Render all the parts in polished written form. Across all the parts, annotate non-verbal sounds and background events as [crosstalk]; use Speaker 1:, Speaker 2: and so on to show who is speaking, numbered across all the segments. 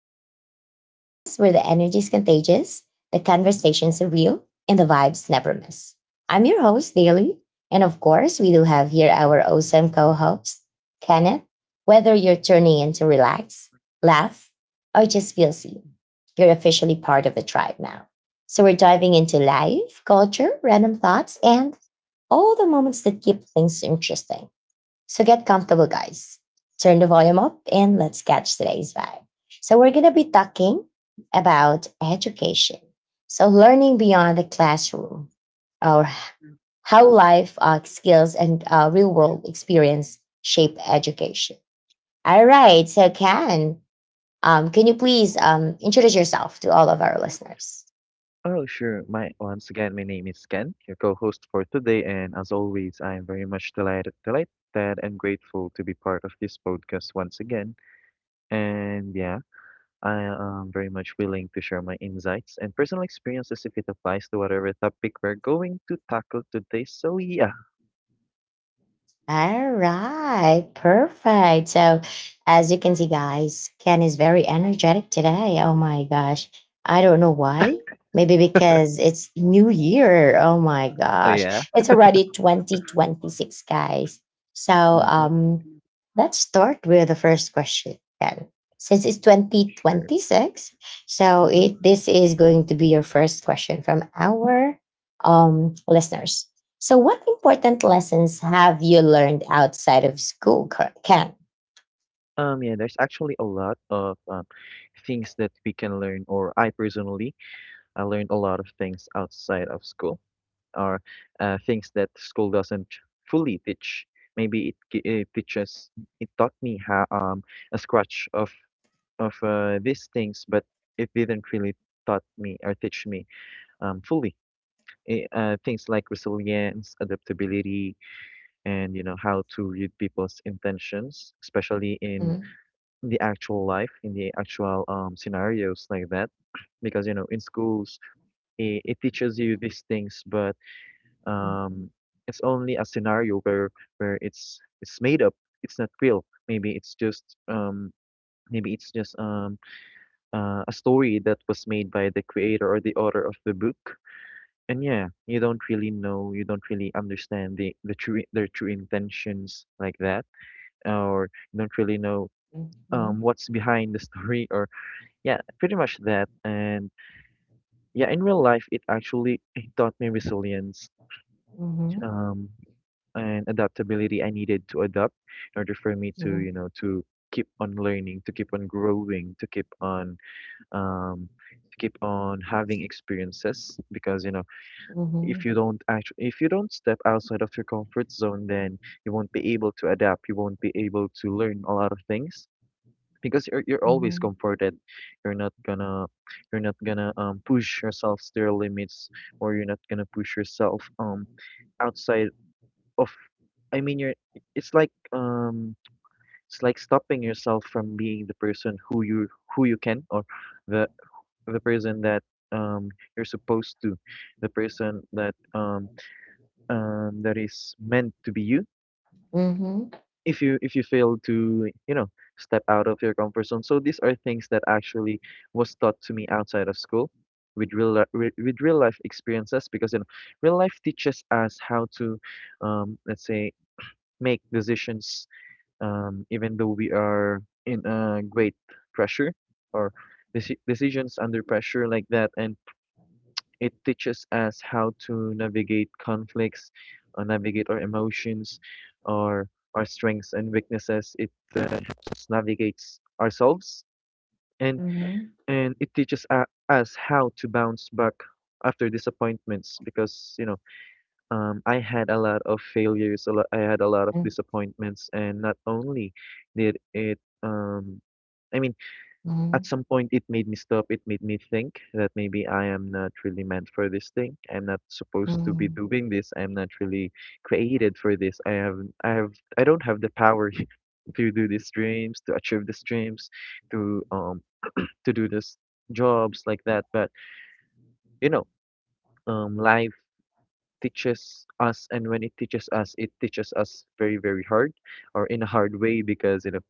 Speaker 1: Tribe, a podcast where the energy is contagious, the conversations are real, and the vibes never miss. I'm your host, Daily. And of course, we do have here our awesome co host, Kenneth. Whether you're tuning in to relax, laugh, or just feel seen, you're officially part of the tribe now. So we're diving into life, culture, random thoughts, and all the moments that keep things interesting. So get comfortable, guys. Turn the volume up and let's catch today's vibe. So we're going to be talking about education. So learning beyond the classroom, or how life skills and real world experience shape education. All right. So, Ken, can you please introduce yourself to all of our listeners? All right, perfect. So, as you can see, guys, Ken is very energetic today. Oh my gosh. I don't know why. Maybe because it's New Year. Oh my
Speaker 2: Oh, yeah?
Speaker 1: gosh. It's already 2026, guys. So,
Speaker 2: Mm-hmm.
Speaker 1: um, let's start with the first question, Ken. Since it's
Speaker 2: Sure.
Speaker 1: 2026, so
Speaker 2: Mm-hmm.
Speaker 1: this is going to be your first question from our listeners. So what important lessons have you learned outside of school, Ken?
Speaker 2: Yeah, there's actually a lot of things that we can learn, or I personally, I learned a lot of things outside of school, or things that school doesn't fully teach. Maybe it, gi- it teaches, it taught me how a scratch of these things, but it didn't really taught me or teach me fully. Things like resilience, adaptability, and you know how to read people's intentions, especially in
Speaker 1: Mhm,
Speaker 2: the actual life, in the actual scenarios like that. Because in schools, it teaches you these things, but
Speaker 1: mhm,
Speaker 2: um, it's only a scenario where, it's made up. It's not real. Maybe it's just, maybe it's just um, a story that was made by the creator or the author of the book. And yeah, you don't really know, you don't really understand their true intentions like that, or you don't really know
Speaker 1: mhm,
Speaker 2: what's behind the story, or yeah, pretty much that. And yeah, in real life, it actually it taught me resilience, um, and adaptability. I needed to adapt in order for me to you
Speaker 1: mhm,
Speaker 2: know to keep on learning, to keep on growing, um, to keep on having experiences, because
Speaker 1: mhm,
Speaker 2: if you don't step outside of your comfort zone, then you won't be able to adapt, you won't be able to learn a lot of things, because you're always comforted. You're not gonna you're not gonna push yourself to your limits, or you're not gonna push yourself outside of. I mean, you're it's like, stopping yourself from being the person who you, who you can, or the the person that um you're supposed to, the person that that is meant to be you,
Speaker 1: mhm, mhm, mhm, mhm, mhm, mhm, mhm,
Speaker 2: if you fail to step out of your comfort zone. So these are things that actually was taught to me outside of school with real life experiences, because real life teaches us how to, let's say, make decisions, even though we are in a great pressure, or decisions under pressure like that. And it teaches us how to navigate conflicts, navigate our emotions, our our strengths and weaknesses. It helps us navigates ourselves, and it teaches us how to bounce back after disappointments. Because I had a lot of failures. A lot, I had a lot of disappointments, and not only did it, I mean. At some point, it made me stop. It made me think that maybe I am not really meant for this thing. I'm not
Speaker 1: mhm,
Speaker 2: supposed
Speaker 1: mhm,
Speaker 2: to be
Speaker 1: mhm.
Speaker 2: doing this. I'm not really created for this. I don't have the power [laughs] to do these dreams, to achieve these dreams, to, to do this jobs like that. But you know, life teaches us, and when it teaches us very, very hard, or in a hard way, because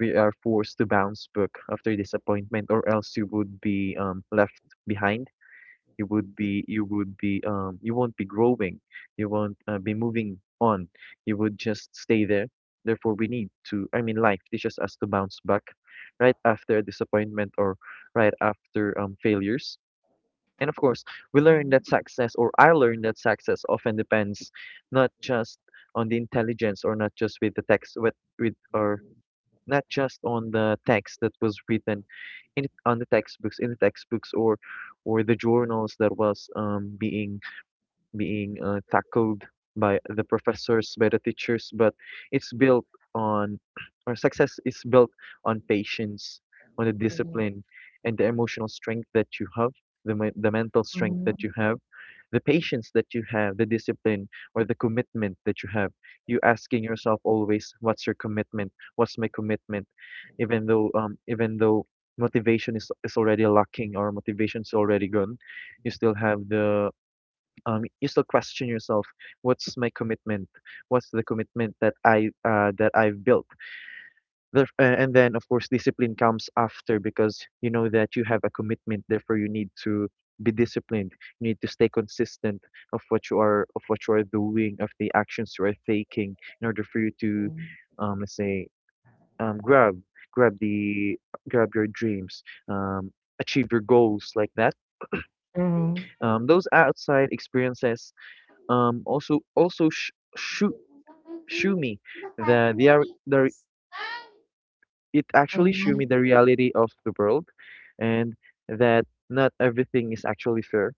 Speaker 2: we are forced to bounce book after disappointment, or else you would be left behind. You won't be growing, you won't be moving on, you would just stay there. Therefore, we need to, I mean, life teaches us to bounce back right after disappointment, or right after failures. And of course, we learn that success, or I learned that success, often depends not just on the intelligence, or not just with the text, with or not just on the text that was written in, on the textbooks, or the journals that was being tackled by the professors, by the teachers, but it's built on, [clears throat] or success is built on patience, on the discipline, and the emotional strength that you have, the mental strength that you have, the patience that you have, the discipline or the commitment that you have. You asking yourself always, what's your commitment? What's my commitment? Even though motivation is already lacking, or motivation is already gone, you still have the, you still question yourself, what's my commitment? What's the commitment that I that I've built? And then, of course, discipline comes after, because you know that you have a commitment. Therefore, you need to be disciplined. You need to stay consistent of what you are doing, of the actions you are taking, in order for you to, let's say, um, grab grab the grab your dreams. Um, Achieve your goals like that.
Speaker 1: Mhm,
Speaker 2: Those outside experiences also show me that they are. It actually show me the reality of the world, and that not everything is actually fair.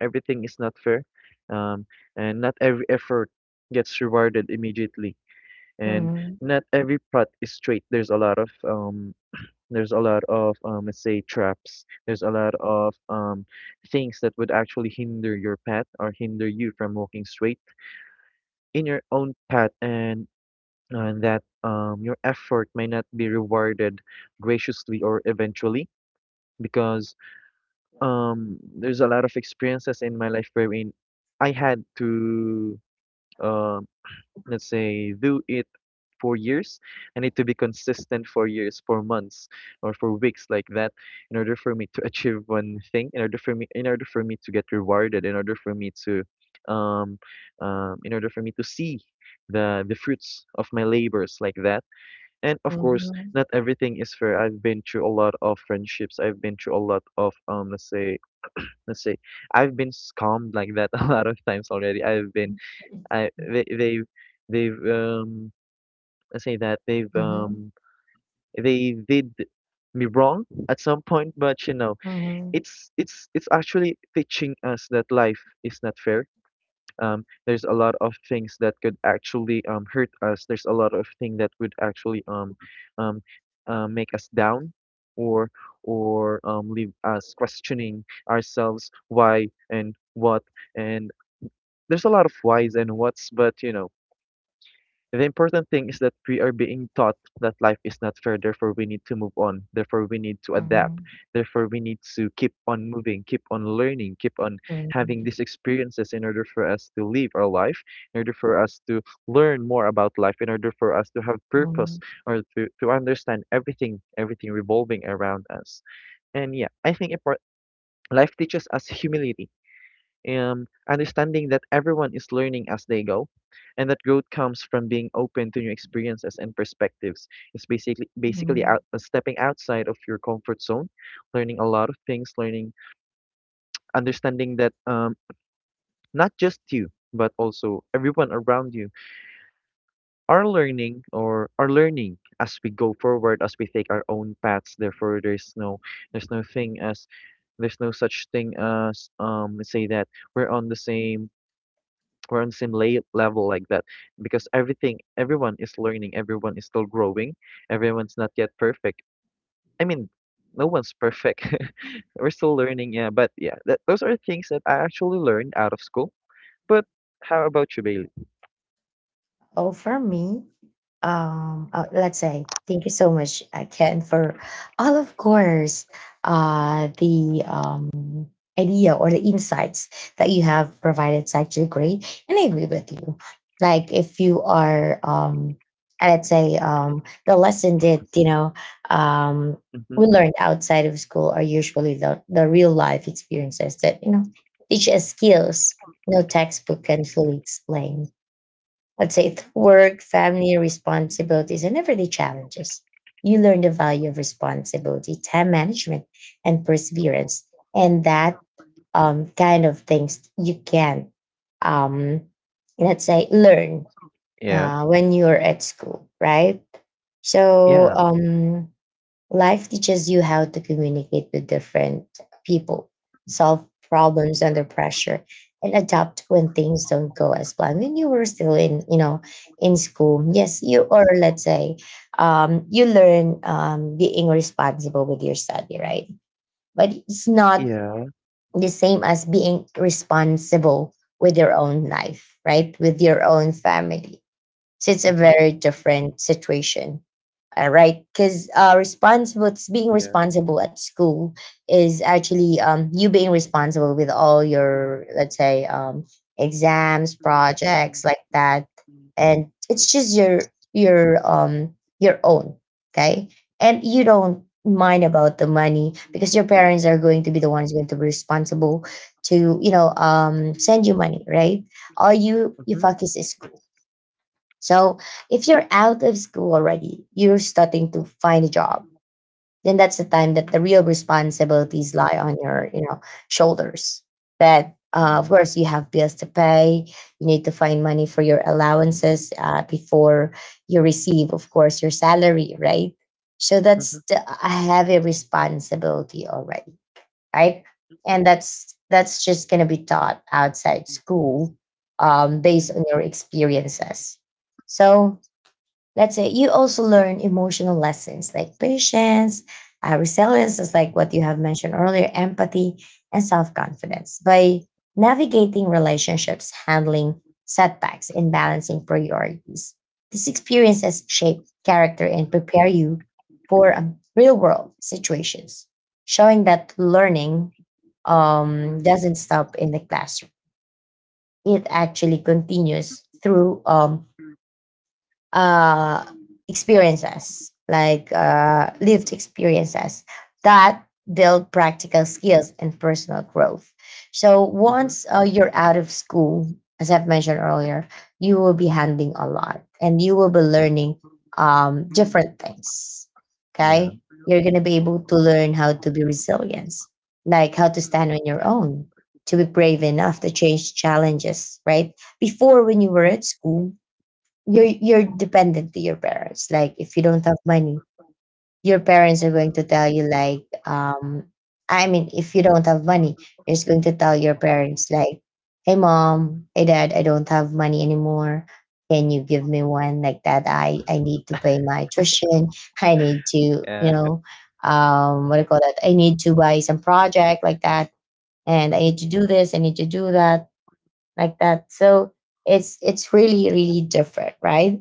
Speaker 2: Everything is not fair, um and not every effort gets rewarded immediately, and not every path is straight. There's a lot of there's a lot of let's say, traps. There's a lot of things that would actually hinder your path, or hinder you from walking straight in your own path, and that your effort may not be rewarded graciously or eventually, because there's a lot of experiences in my life wherein I had to, uh, let's say, do it for years. I need to be consistent for years, for months, or for weeks like that, in order for me to [laughs] achieve one thing, in order for me to get rewarded, in order for me um, to see the fruits of my labors like that. And of
Speaker 1: mhm, mhm,
Speaker 2: course,
Speaker 1: mhm,
Speaker 2: not everything is fair. I've been through a lot of friendships. I've been through a lot of, let's say, let's say I've been scammed like that [laughs] a lot of times already. I've been I they they've Let's say that they've, they did me wrong at some point, but
Speaker 1: mhm,
Speaker 2: it's actually teaching us that life is not fair. There's a lot of things that could actually, hurt us. There's a lot of things that would actually, um, make us down, or leave us questioning ourselves why and what, and there's a lot of whys and whats, but the important thing is that we are being taught that life is not fair. Therefore, we need to move on, therefore we need to adapt, therefore we need to keep on moving, keep on learning, keep on
Speaker 1: mhm,
Speaker 2: having these experiences in order for us to live our life, in order for us to learn more about life, in order for us to have
Speaker 1: mhm,
Speaker 2: purpose,
Speaker 1: mhm,
Speaker 2: or to, understand everything, everything revolving around us. And yeah, I think life teaches us humility, understanding that everyone is learning as they go, and that growth comes from being open to new experiences and perspectives. It's basically,
Speaker 1: mhm.
Speaker 2: stepping outside of your comfort zone, learning a lot of things, learning understanding that, not just you but also everyone around you are learning, or are learning, as we go forward, as we take our own paths. Therefore, there's no thing as there's no such thing as, let's say, that we're on the same we're on the same lay level like that, because everything, everyone is learning, everyone is still growing, everyone's not yet perfect. I mean, no one's perfect. [laughs] We're still learning, yeah. But yeah, those are things that I actually learned out of school. But how about you, Bailey?
Speaker 1: Oh, for me, let's say thank you so much, Ken, for all of course the idea or the insights that you have provided. It's actually great, and I agree with you. Like if you are, let's say, the lesson that um, we
Speaker 2: Mm-hmm.
Speaker 1: learned outside of school are usually the real life experiences that teach us skills no textbook can fully explain. Let's say work, family responsibilities, and everyday challenges. You learn the value of responsibility, time management, and perseverance, and that kind of things you can, um, let's say, learn
Speaker 2: Yeah,
Speaker 1: when you're at school, right? So
Speaker 2: yeah,
Speaker 1: life teaches you how to communicate with different people, solve problems under pressure, and adapt when things don't go as planned. When you were still in, in school, yes, you or, let's say, you learn being responsible with your study, right? But it's not
Speaker 2: yeah.
Speaker 1: the same as being responsible with your own life, right? With your own family, so it's a
Speaker 2: Mm-hmm.
Speaker 1: very different situation. All right, because responsible being
Speaker 2: Yeah.
Speaker 1: responsible at school is actually you being responsible with all your, let's say, exams, projects like that, and it's just your own. Okay, and you don't mind about the money, because your parents are going to be the ones going to be responsible to send you money, right? All you
Speaker 2: Mm-hmm.
Speaker 1: focus is school. So if you're out of school already, you're starting to find a job, then that's the time that the real responsibilities lie on your shoulders. That
Speaker 2: Yeah.
Speaker 1: of course you have bills to pay. You need to find money for your allowances before you receive, of course, your salary, right? So that's
Speaker 2: Mm-hmm.
Speaker 1: a heavy responsibility already, right? And that's just gonna be taught outside school, based on your experiences. So let's say you also learn emotional lessons like patience, resilience, is like what you have mentioned earlier, empathy, and self confidence by navigating relationships, handling setbacks, and balancing priorities. These experiences shape character and prepare you for real world situations, showing that learning doesn't stop in the classroom. It actually continues through uh, experiences, like lived experiences that build practical skills and personal growth. So once
Speaker 2: Mm-hmm.
Speaker 1: you're out of school, as I've mentioned earlier, you will be handling a lot and you will be learning different things.
Speaker 2: Yeah,
Speaker 1: Okay. You're going to be able to learn how to be resilient, like how to stand on your own, to be brave enough to change challenges, right? Before, when you were at school, you're dependent to your parents. Like, if you don't have money, your parents are going to tell you, like, I mean, if you don't have money, you're just going to tell your parents like, hey mom, hey dad, I don't have money anymore, can you give me one, like that? I need to pay my tuition, I need to,
Speaker 2: yeah.
Speaker 1: what do you call that, I need to buy some project like that, and I
Speaker 2: Mm-hmm.
Speaker 1: need to do this, I need to do that, like that. So it's really really different, right?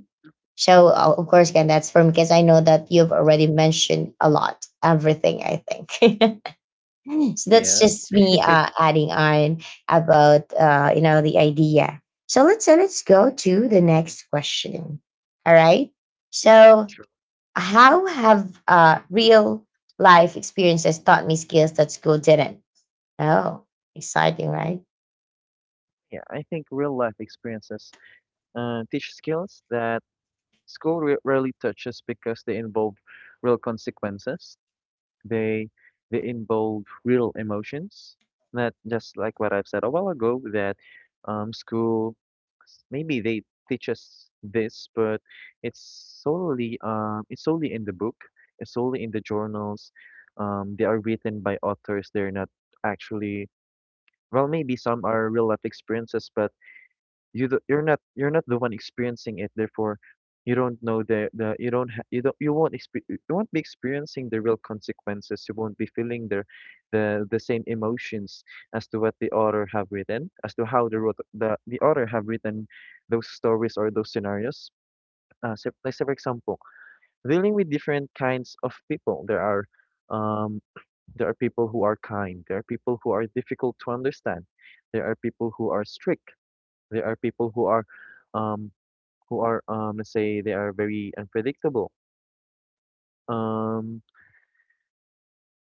Speaker 1: So of course, again, that's from because I know that you've already mentioned a lot, everything. I think [laughs] so. That's
Speaker 2: Yeah,
Speaker 1: just me adding on about the idea. So let's go to the next question. All right. So how have real life experiences taught me skills that school didn't? Oh, exciting, right?
Speaker 2: yeah, I think real life experiences teach skills that school rarely touches because they involve real consequences. They they involve real emotions. Not just like what I've said a while ago that, school, maybe they teach us this, but it's solely in the book. It's solely in the journals. They are written by authors. They're not actually, well. Maybe some are real life experiences, but you're not the one experiencing it, therefore you don't know the you won't be experiencing the real consequences. You won't be feeling the same emotions as to what the author have written, as to how the wrote- the author have written those stories or those scenarios. So, say for example, dealing with different kinds of people, um there are people who are kind, there are people who are difficult to understand, there are people who are strict, there are people who are um who are, let's say, they are very unpredictable. um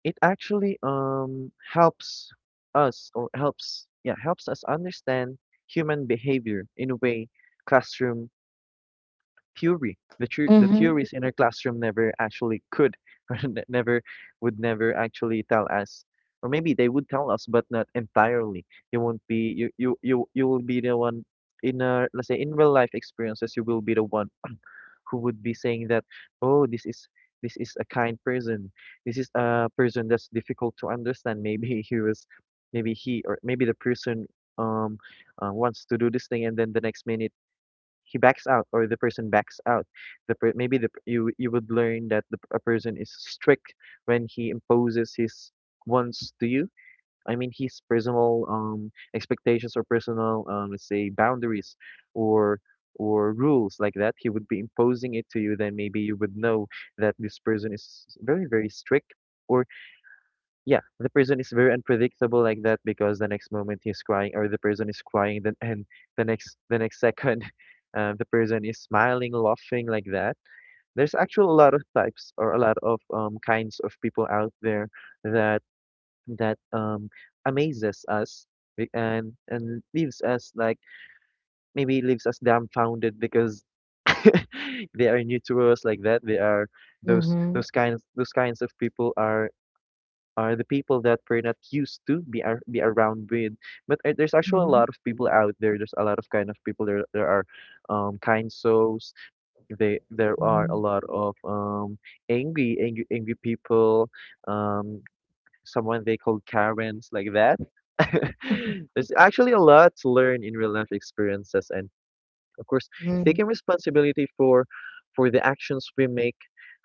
Speaker 2: it actually helps us, or helps us understand human behavior in a way. Classroom The
Speaker 1: Mm-hmm.
Speaker 2: theories in our classroom never actually could, [laughs] never, would never actually tell us, or maybe they would tell us, but not entirely. You won't be You will be the one in a, let's say, in real life experiences, you will be the one who would be saying that, "Oh, this is, this is a kind person. This is a person that's difficult to understand. Maybe [laughs] he was, maybe he, or maybe the person um wants to do this thing, and then the next minute." He backs out, or the person backs out. Maybe the you would learn that a person is strict when he imposes his wants to you. I mean, his personal, expectations, or personal, let's say, boundaries, or or rules like that, he would be imposing it to you. Then maybe you would know that this person is very, very strict. Or yeah, the person is very unpredictable like that, because the next moment he's crying, or the person is crying, then and the next second, [laughs] the person is smiling, laughing like that. There's actually a lot of types, or a lot of, kinds of people out there that, that um amazes us, and and leaves us like, maybe leaves us dumbfounded because [laughs] they are new to us like that. They are,
Speaker 1: Mm-hmm.
Speaker 2: those kinds of people are the people that we're not used to be around with. But there's actually a
Speaker 1: Mm-hmm.
Speaker 2: lot of people out there. There's a lot of kind of people there. There are kind souls. They There are a
Speaker 1: Mm-hmm.
Speaker 2: lot of, um, angry, people, um someone they call Karens like that. [laughs] There's actually a lot to learn in real life experiences, and of course,
Speaker 1: Mm-hmm.
Speaker 2: taking responsibility for the actions we make.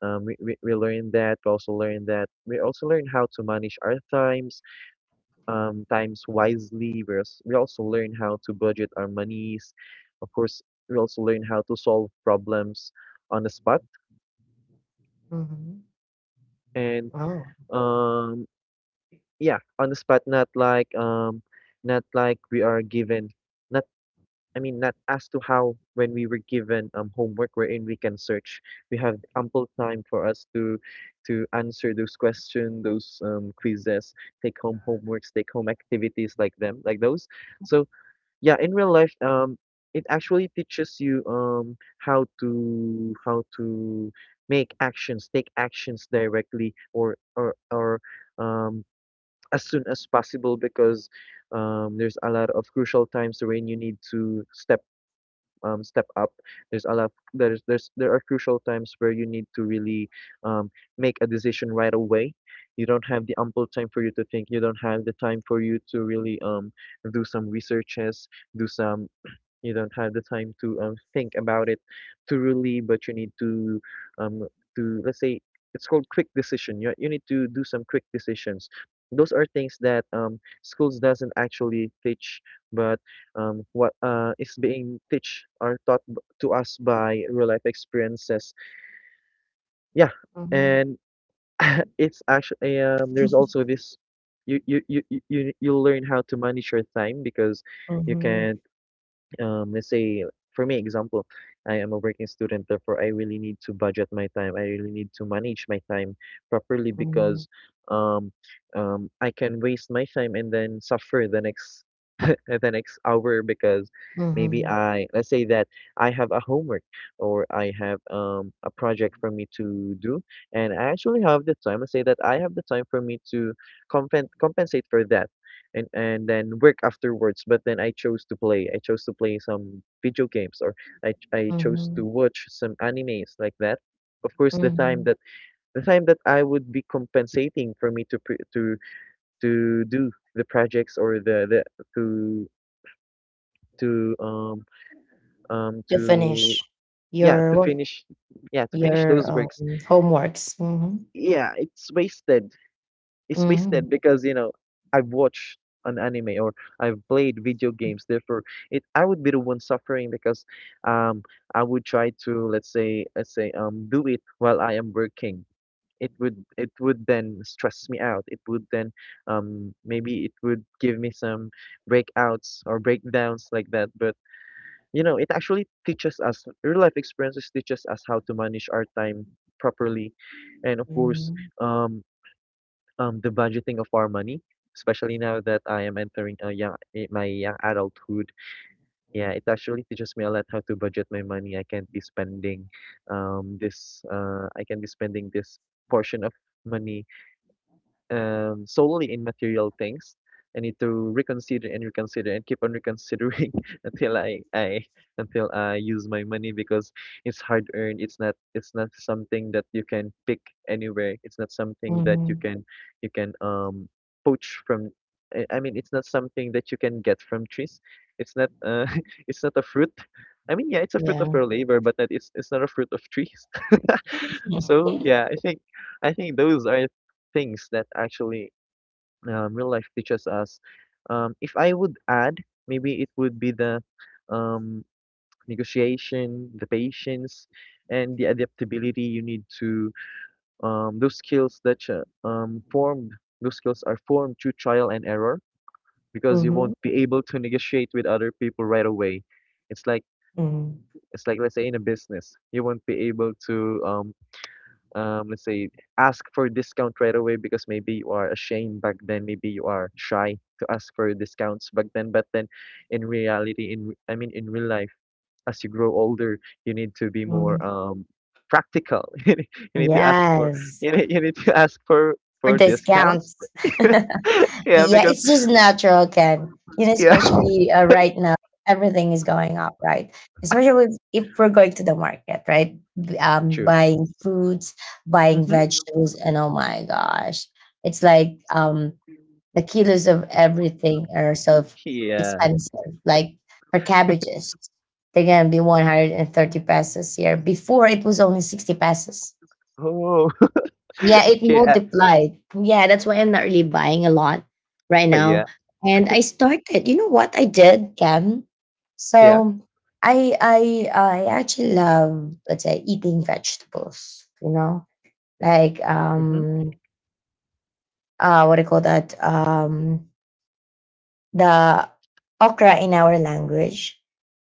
Speaker 2: We learn that. We also learn that. We also learn how to manage our times, times wisely. We also learn how to budget our monies. Of course, we also learn how to solve problems on the spot.
Speaker 1: Mm-hmm.
Speaker 2: And,
Speaker 1: Oh.
Speaker 2: um, yeah, on the spot, not like, not like we are given, not, I mean, not as to how, when we were given homework wherein we can search. We have ample time for us to answer those questions, those, um, quizzes, take home homeworks, take home activities like them, like those. So yeah, in real life, it actually teaches you, um, how to make actions, take actions directly, or, um, as soon as possible, because, there's a lot of crucial times wherein you need to step, step up. There's a lot there are crucial times where you need to really, um, make a decision right away. You don't have the ample time for you to think. You don't have the time for you to really, do some researches, do some, you don't have the time to, think about it thoroughly, but you need to, um, to, let's say, it's called quick decision. You need to do some quick decisions. Those are things that, schools doesn't actually teach, but, what is being teach are taught to us by real life experiences. Yeah,
Speaker 1: Mm-hmm.
Speaker 2: and [laughs] it's actually, there's also this, you learn how to manage your time, because you
Speaker 1: Mm-hmm.
Speaker 2: can, let's say, for me example, I am a working student, therefore I really need to manage my time properly,
Speaker 1: Mhm,
Speaker 2: because, um, I can waste my time and then suffer the next hour, because maybe,
Speaker 1: mhm,
Speaker 2: I, let's say that I have a homework, or I have, um, a project for me to do, and I actually have the time. Let's say that I have the time for me to compensate for that, and then work afterwards. But then I chose to play. I chose to play some video games, or I chose to
Speaker 1: mhm,
Speaker 2: watch some animes like that. Of course,
Speaker 1: mhm.
Speaker 2: the time that I would be compensating for me to pre to do the projects, or the to to, um, um
Speaker 1: To
Speaker 2: to
Speaker 1: finish
Speaker 2: yeah,
Speaker 1: your
Speaker 2: to
Speaker 1: work,
Speaker 2: finish yeah, to finish
Speaker 1: your
Speaker 2: those works,
Speaker 1: homeworks. Mhm,
Speaker 2: yeah, it's wasted. It's
Speaker 1: mhm,
Speaker 2: wasted because, you know, I've watched an anime, or I've played video games, therefore it I would be the one suffering, because, um, I would try to, let's say, um, do it while I am working. It would then stress me out. It would then, um, maybe it would give me some breakouts or breakdowns like that. But you know, it actually teaches us, real life experiences teaches us how to manage our time properly. And of course,
Speaker 1: mhm,
Speaker 2: um, the budgeting of our money, especially now that I am entering a young, eh, my young adulthood. Yeah, it actually teaches me a lot how to budget my money. I can't be spending, this, I can be spending this portion of money, solely in material things. I need to reconsider, and reconsider, and keep on reconsidering [laughs] until I, until I use my money, because it's hard earned. It's not something that you can pick anywhere. It's not something that you
Speaker 1: mhm.
Speaker 2: can, you can, um, poach from. I mean, it's not something that you can get from trees. It's not, [laughs] it's not a fruit. I mean, yeah, it's a fruit of
Speaker 1: Yeah.
Speaker 2: your labor, but that it's not a fruit of trees. [laughs]
Speaker 1: [laughs]
Speaker 2: So yeah, I think those are things that actually, real life teaches us. If I would add, maybe it would be the, um, negotiation, the patience, and the adaptability. You need to Those skills that you, formed, those skills are formed through trial and error, because you
Speaker 1: Mhm,
Speaker 2: won't be able to negotiate with other people right away. It's like
Speaker 1: mhm,
Speaker 2: it's like, let's say, in a business, you won't be able to, let's say, ask for discount right away, because maybe you are ashamed back then, maybe you are shy to ask for discounts back then. But then, in reality, in, I mean, in real life, as you grow older, you need to be more,
Speaker 1: mhm.
Speaker 2: um, practical. [laughs] You need, you need to ask for
Speaker 1: Yes,
Speaker 2: you need to ask for
Speaker 1: for
Speaker 2: for discounts.
Speaker 1: discounts. [laughs]
Speaker 2: [laughs] Yeah,
Speaker 1: Yeah,
Speaker 2: because,
Speaker 1: it's just natural, Ken. You know,
Speaker 2: yeah, [laughs]
Speaker 1: especially right now, everything is going up, right? Especially if we're going to the market, right?
Speaker 2: true.
Speaker 1: Buying fruits, buying
Speaker 2: Hmm.
Speaker 1: vegetables, and, oh my gosh, it's like the kilos of everything are so
Speaker 2: Yeah.
Speaker 1: expensive. Like for cabbages, they're gonna be 130 pesos here. Before it was only 60 pesos.
Speaker 2: Oh, [laughs]
Speaker 1: Yeah, it
Speaker 2: yeah,
Speaker 1: multiplied. Yeah, that's why I'm not really buying a lot right
Speaker 2: yeah,
Speaker 1: now. And I started, you know what I did, Cam?
Speaker 2: yeah.
Speaker 1: So I actually love, let's say, eating vegetables, you know? Like
Speaker 2: Hmm.
Speaker 1: what do you call that? The okra in our language.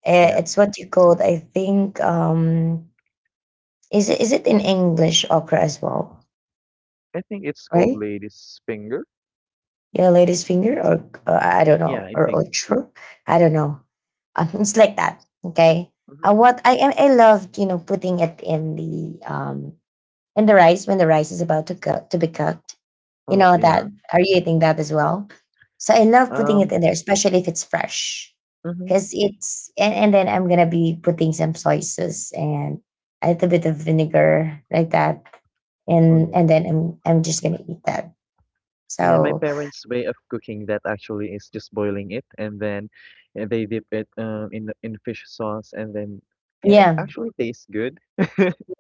Speaker 2: Yeah.
Speaker 1: It's what you called, I think, is it in English okra as well,
Speaker 2: I think it's called
Speaker 1: right?
Speaker 2: lady's finger.
Speaker 1: Yeah, lady's finger, or I don't
Speaker 2: Yeah,
Speaker 1: know,
Speaker 2: I
Speaker 1: or
Speaker 2: think.
Speaker 1: outro, I don't know. It's like that. Okay.
Speaker 2: Mm-hmm.
Speaker 1: What I loved, putting it in the rice when the rice is about to be cooked. You
Speaker 2: Oh,
Speaker 1: know that.
Speaker 2: yeah.
Speaker 1: Are you eating that as
Speaker 2: Mm.
Speaker 1: well? So I love putting it
Speaker 2: Um,
Speaker 1: in there, especially if it's fresh,
Speaker 2: mhm.
Speaker 1: because it's, and then I'm gonna be putting some soy sauce and a little bit of vinegar like that,
Speaker 2: Oh,
Speaker 1: and
Speaker 2: yeah.
Speaker 1: and then I'm just gonna eat that.
Speaker 2: Yeah, my
Speaker 1: So
Speaker 2: parents' way of cooking that actually is just boiling it, and then, they dip it, um, in in fish sauce, and then, yeah, it
Speaker 1: yeah.
Speaker 2: actually tastes good.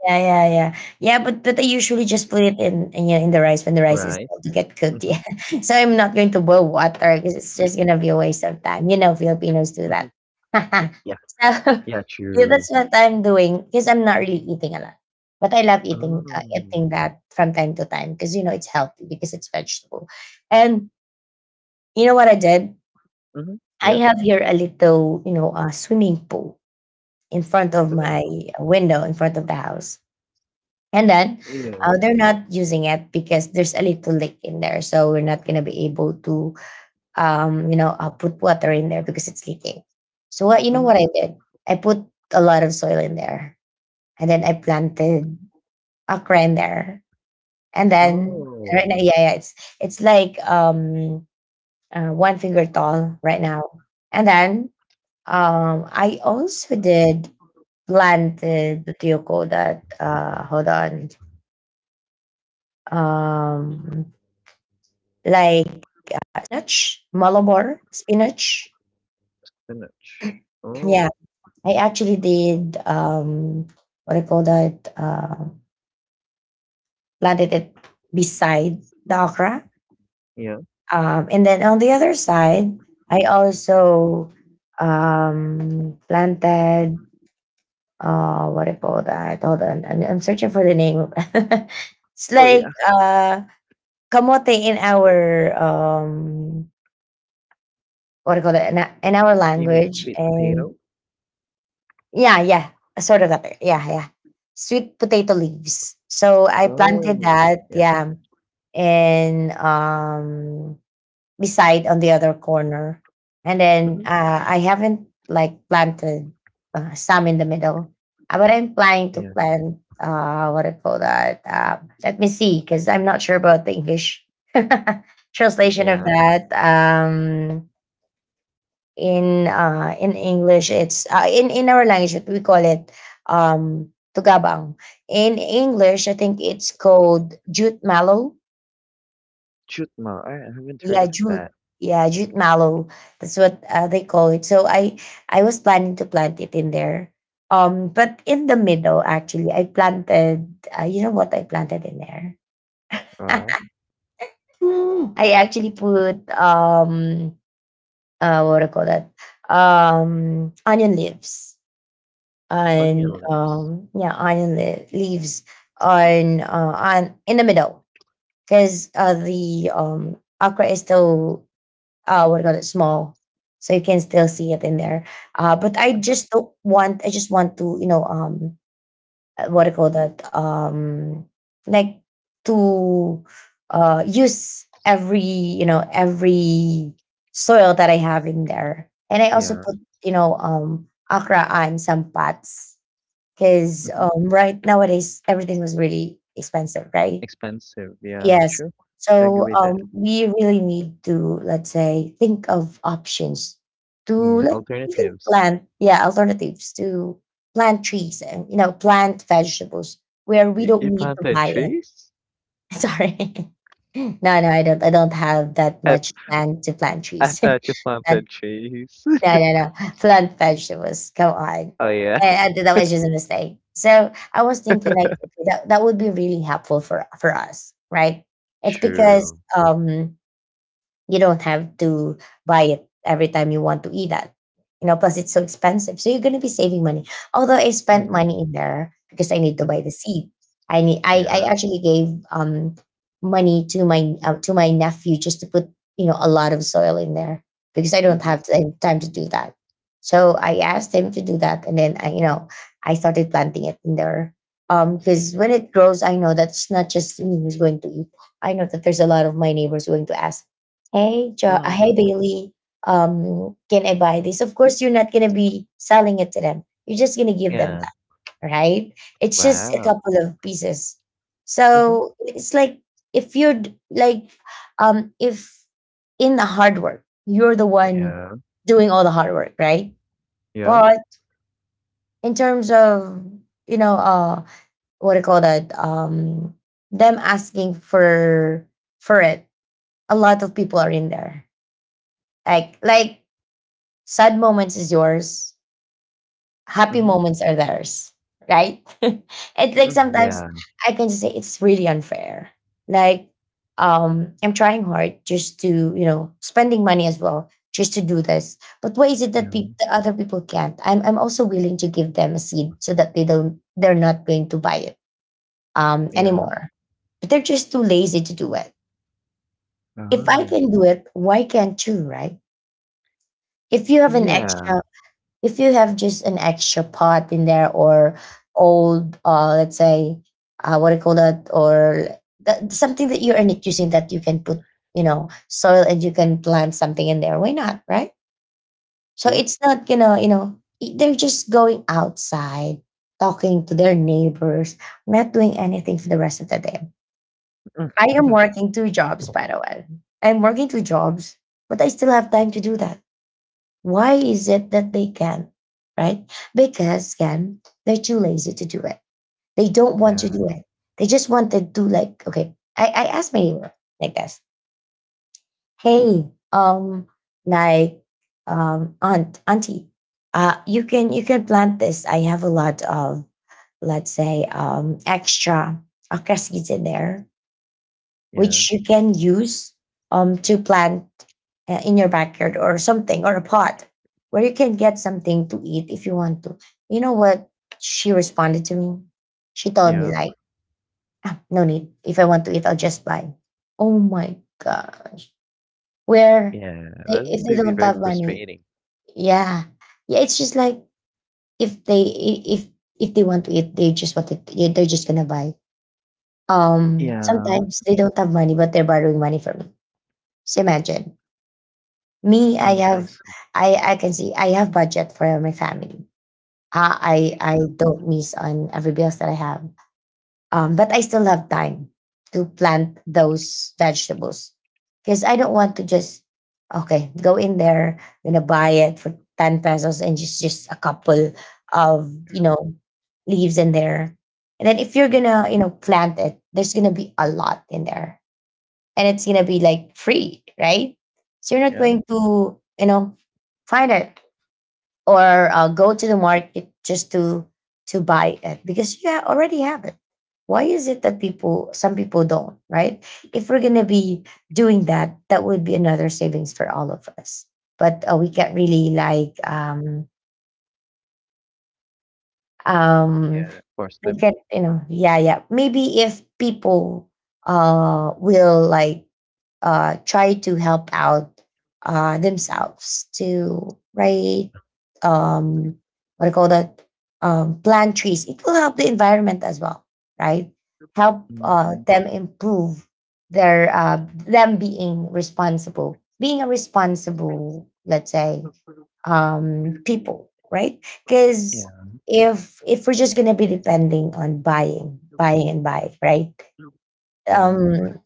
Speaker 1: Yeah, yeah, yeah, yeah. But I usually just put it in, yeah, in the rice when the rice is
Speaker 2: Rice.
Speaker 1: about to get cooked.
Speaker 2: Mm-hmm.
Speaker 1: Yeah, [laughs] so I'm not going to boil water because it's just gonna be a waste of time. You know, Filipinos do
Speaker 2: Mm-hmm.
Speaker 1: that.
Speaker 2: Yeah.
Speaker 1: [laughs] So
Speaker 2: Yeah,
Speaker 1: [laughs] yeah,
Speaker 2: true.
Speaker 1: that's what I'm doing because I'm not really eating a lot, but I love eating uh,
Speaker 2: Um.
Speaker 1: eating that from time to time because it's healthy because it's vegetable. And you know what I did?
Speaker 2: Mm-hmm.
Speaker 1: I
Speaker 2: Yeah.
Speaker 1: have here a little swimming pool in front of
Speaker 2: Swimming
Speaker 1: my
Speaker 2: pool.
Speaker 1: window in front of the house, and then
Speaker 2: Yeah.
Speaker 1: they're not using it because there's a little leak in there. So we're not going to be able to, put water in there because it's leaking. So you know
Speaker 2: Mm-hmm.
Speaker 1: what I did? I put a lot of soil in there, and then I planted okra in there. And then
Speaker 2: Oh,
Speaker 1: right now, yeah, yeah, it's like one finger tall right now. And then I also did planted the tiyoko, that, hold on, um like spinach, Malabar spinach.
Speaker 2: spinach.
Speaker 1: Yeah,
Speaker 2: Oh,
Speaker 1: I actually did what do you call that? Planted it beside the okra.
Speaker 2: yeah.
Speaker 1: And then on the other side, I also planted what do you call that? Hold on, I'm searching for the name. [laughs] It's
Speaker 2: Oh,
Speaker 1: like
Speaker 2: yeah.
Speaker 1: kamote in our what do you call that in, our
Speaker 2: You mean
Speaker 1: language,
Speaker 2: sweet
Speaker 1: and
Speaker 2: potato?
Speaker 1: Yeah, yeah, sort of that. Yeah, yeah. Sweet potato leaves. So I planted
Speaker 2: Oh,
Speaker 1: that,
Speaker 2: yeah.
Speaker 1: yeah, and beside on the other corner. And then
Speaker 2: Mm-hmm.
Speaker 1: I haven't like planted some in the middle. But I'm planning to
Speaker 2: Yeah.
Speaker 1: plant what do you call that? Let me see, cuz I'm not sure about the English [laughs] translation of
Speaker 2: Yeah.
Speaker 1: that. In English it's in our language we call it tugabang. In English I think it's called jute mallow.
Speaker 2: Chutma. I haven't heard
Speaker 1: Yeah,
Speaker 2: of
Speaker 1: jute.
Speaker 2: that.
Speaker 1: Yeah, jute mallow. That's what they call it. So I was planning to plant it in there. But in the middle actually I planted you know what I planted in there?
Speaker 2: Right.
Speaker 1: [laughs] Mm. I actually put what do you call that? Onion leaves.
Speaker 2: Onion
Speaker 1: and
Speaker 2: leaves. Lips.
Speaker 1: um, yeah, iron the leaves on in the middle because the okra is still what do you call it, small, so you can still see it in there. But I just don't want. I just want to, you know, what do you call that, like, to use every, you know, every soil that I have in there, and I also
Speaker 2: Yeah.
Speaker 1: put, you know, okra on some pots because
Speaker 2: Hmm.
Speaker 1: right nowadays everything was really expensive, right?
Speaker 2: Expensive. Yeah,
Speaker 1: Yes.
Speaker 2: true. I
Speaker 1: So
Speaker 2: agree with that.
Speaker 1: um, we really need to, let's say, think of options to,
Speaker 2: Yeah.
Speaker 1: like, even
Speaker 2: Alternatives.
Speaker 1: plant, yeah, alternatives to plant trees and, you know, plant vegetables where we
Speaker 2: You,
Speaker 1: don't
Speaker 2: you
Speaker 1: need to
Speaker 2: planted
Speaker 1: buy it.
Speaker 2: trees?
Speaker 1: [laughs] Sorry. [laughs] No, no, I don't. I don't have that
Speaker 2: I,
Speaker 1: much land to plant
Speaker 2: I
Speaker 1: trees.
Speaker 2: thought you
Speaker 1: [laughs] Not
Speaker 2: planted trees. [laughs]
Speaker 1: No, no, no. Plant vegetables. Come on.
Speaker 2: Oh, yeah.
Speaker 1: And that was just a mistake. So I was thinking, like, okay, that would be really helpful for us, right? It's because
Speaker 2: True.
Speaker 1: um you don't have to buy it every time you want to eat that. You know, plus it's so expensive. So you're gonna be saving money. Although I spent
Speaker 2: Mm-hmm.
Speaker 1: money in there because I need to buy
Speaker 2: Mm-hmm.
Speaker 1: the seed. I
Speaker 2: Yeah.
Speaker 1: actually gave money to my nephew just to put, you know, a lot of soil in there because I don't
Speaker 2: Mm-hmm.
Speaker 1: have time to do that. So I asked him to do that, and then I started planting it in there because when it grows, I know that's not just me who's going to eat. I know that there's a lot of my neighbors going to ask, hey
Speaker 2: Mm-hmm.
Speaker 1: Bailey. Can I buy this? Of course, you're not gonna be selling it to them. You're just gonna give them
Speaker 2: Yeah.
Speaker 1: that, right? It's just a
Speaker 2: Wow.
Speaker 1: couple of pieces.
Speaker 2: Mm-hmm.
Speaker 1: So it's like, if you're like, if in the hard work, you're the one
Speaker 2: Yeah.
Speaker 1: doing all the hard work, right?
Speaker 2: Yeah.
Speaker 1: But in terms of, you know, what do you call that? Them asking for it, a lot of people are in there, like sad moments is yours, happy
Speaker 2: Mm-hmm.
Speaker 1: moments are theirs, right? [laughs] It's like
Speaker 2: Mm.
Speaker 1: sometimes
Speaker 2: Yeah.
Speaker 1: I can just say it's really unfair. Like, I'm trying hard just to, you know, spending money as well just to do this. But why is it that peop
Speaker 2: Um,
Speaker 1: the other people can't? I'm also willing to give them a seed so that they're not going to buy it
Speaker 2: yeah.
Speaker 1: anymore. But they're just too lazy to do it. If I
Speaker 2: Oh.
Speaker 1: can do it, why can't you, right? If you have an
Speaker 2: Yeah.
Speaker 1: extra If you have just an extra pot in there, or old, let's say, what do you call that, or that, something that you're not using that you can put, you know, soil and you can plant something in there, why not, right? So
Speaker 2: True.
Speaker 1: it's not gonna, you know, they're just going outside talking to their neighbors, not doing anything for the rest of the day. I am
Speaker 2: [laughs]
Speaker 1: working two jobs, by the way. I'm working two jobs, but I still have time to do that. Why is it that they can? Right? Because, again, they're too lazy to do it. They don't want to
Speaker 2: Yeah.
Speaker 1: do it. They just want to do, like, okay. I asked my neighbor like this. Hey, like, aunt, auntie, you can plant this. I have a lot of, let's say, extra acacia in there,
Speaker 2: Yeah.
Speaker 1: which you can use, to plant, in your backyard or something, or a pot where you can get something to eat if you want to. You know what she responded to me? She told me
Speaker 2: Yeah.
Speaker 1: like, "Ah, no need. If I want to eat, I'll just buy." Oh my gosh! Where
Speaker 2: Yeah,
Speaker 1: they
Speaker 2: that
Speaker 1: If
Speaker 2: would
Speaker 1: they
Speaker 2: be
Speaker 1: don't
Speaker 2: very
Speaker 1: have money,
Speaker 2: frustrating.
Speaker 1: yeah, yeah. It's just like, if they i- if if they want to eat, they just want to. They're just gonna buy.
Speaker 2: Yeah,
Speaker 1: Sometimes they don't have money, but they're borrowing money from me. So imagine. Me, I
Speaker 2: I
Speaker 1: have,
Speaker 2: see.
Speaker 1: I can see I have budget for my family. I don't miss on every bills that I have. But I still have time to plant those vegetables because I don't want to just, okay, go in there, gonna buy it for 10 pesos and just a couple of, you know, leaves in there. And then if you're gonna,
Speaker 2: Mhm.
Speaker 1: you know, plant it, there's gonna be a lot in there, and it's gonna be like free, right? So you're not
Speaker 2: Yeah,
Speaker 1: going to, you know, find it or go to the market just to buy it because you already have it. Why is it that some people don't, right? If we're gonna be doing that, that would be another savings for all of us. But we can't really, like, um
Speaker 2: yeah, force
Speaker 1: we
Speaker 2: them.
Speaker 1: can, you know, yeah, yeah, maybe if people will, like, try to help out, themselves to write, um, what I call that, plant trees. It will help the environment as well, right? Help
Speaker 2: Mhm.
Speaker 1: them improve their, them being responsible, being a responsible, let's say, people, right?
Speaker 2: Yeah.
Speaker 1: Because if we're just gonna be depending on buying, buying, and buying, right?
Speaker 2: Yeah.
Speaker 1: Um,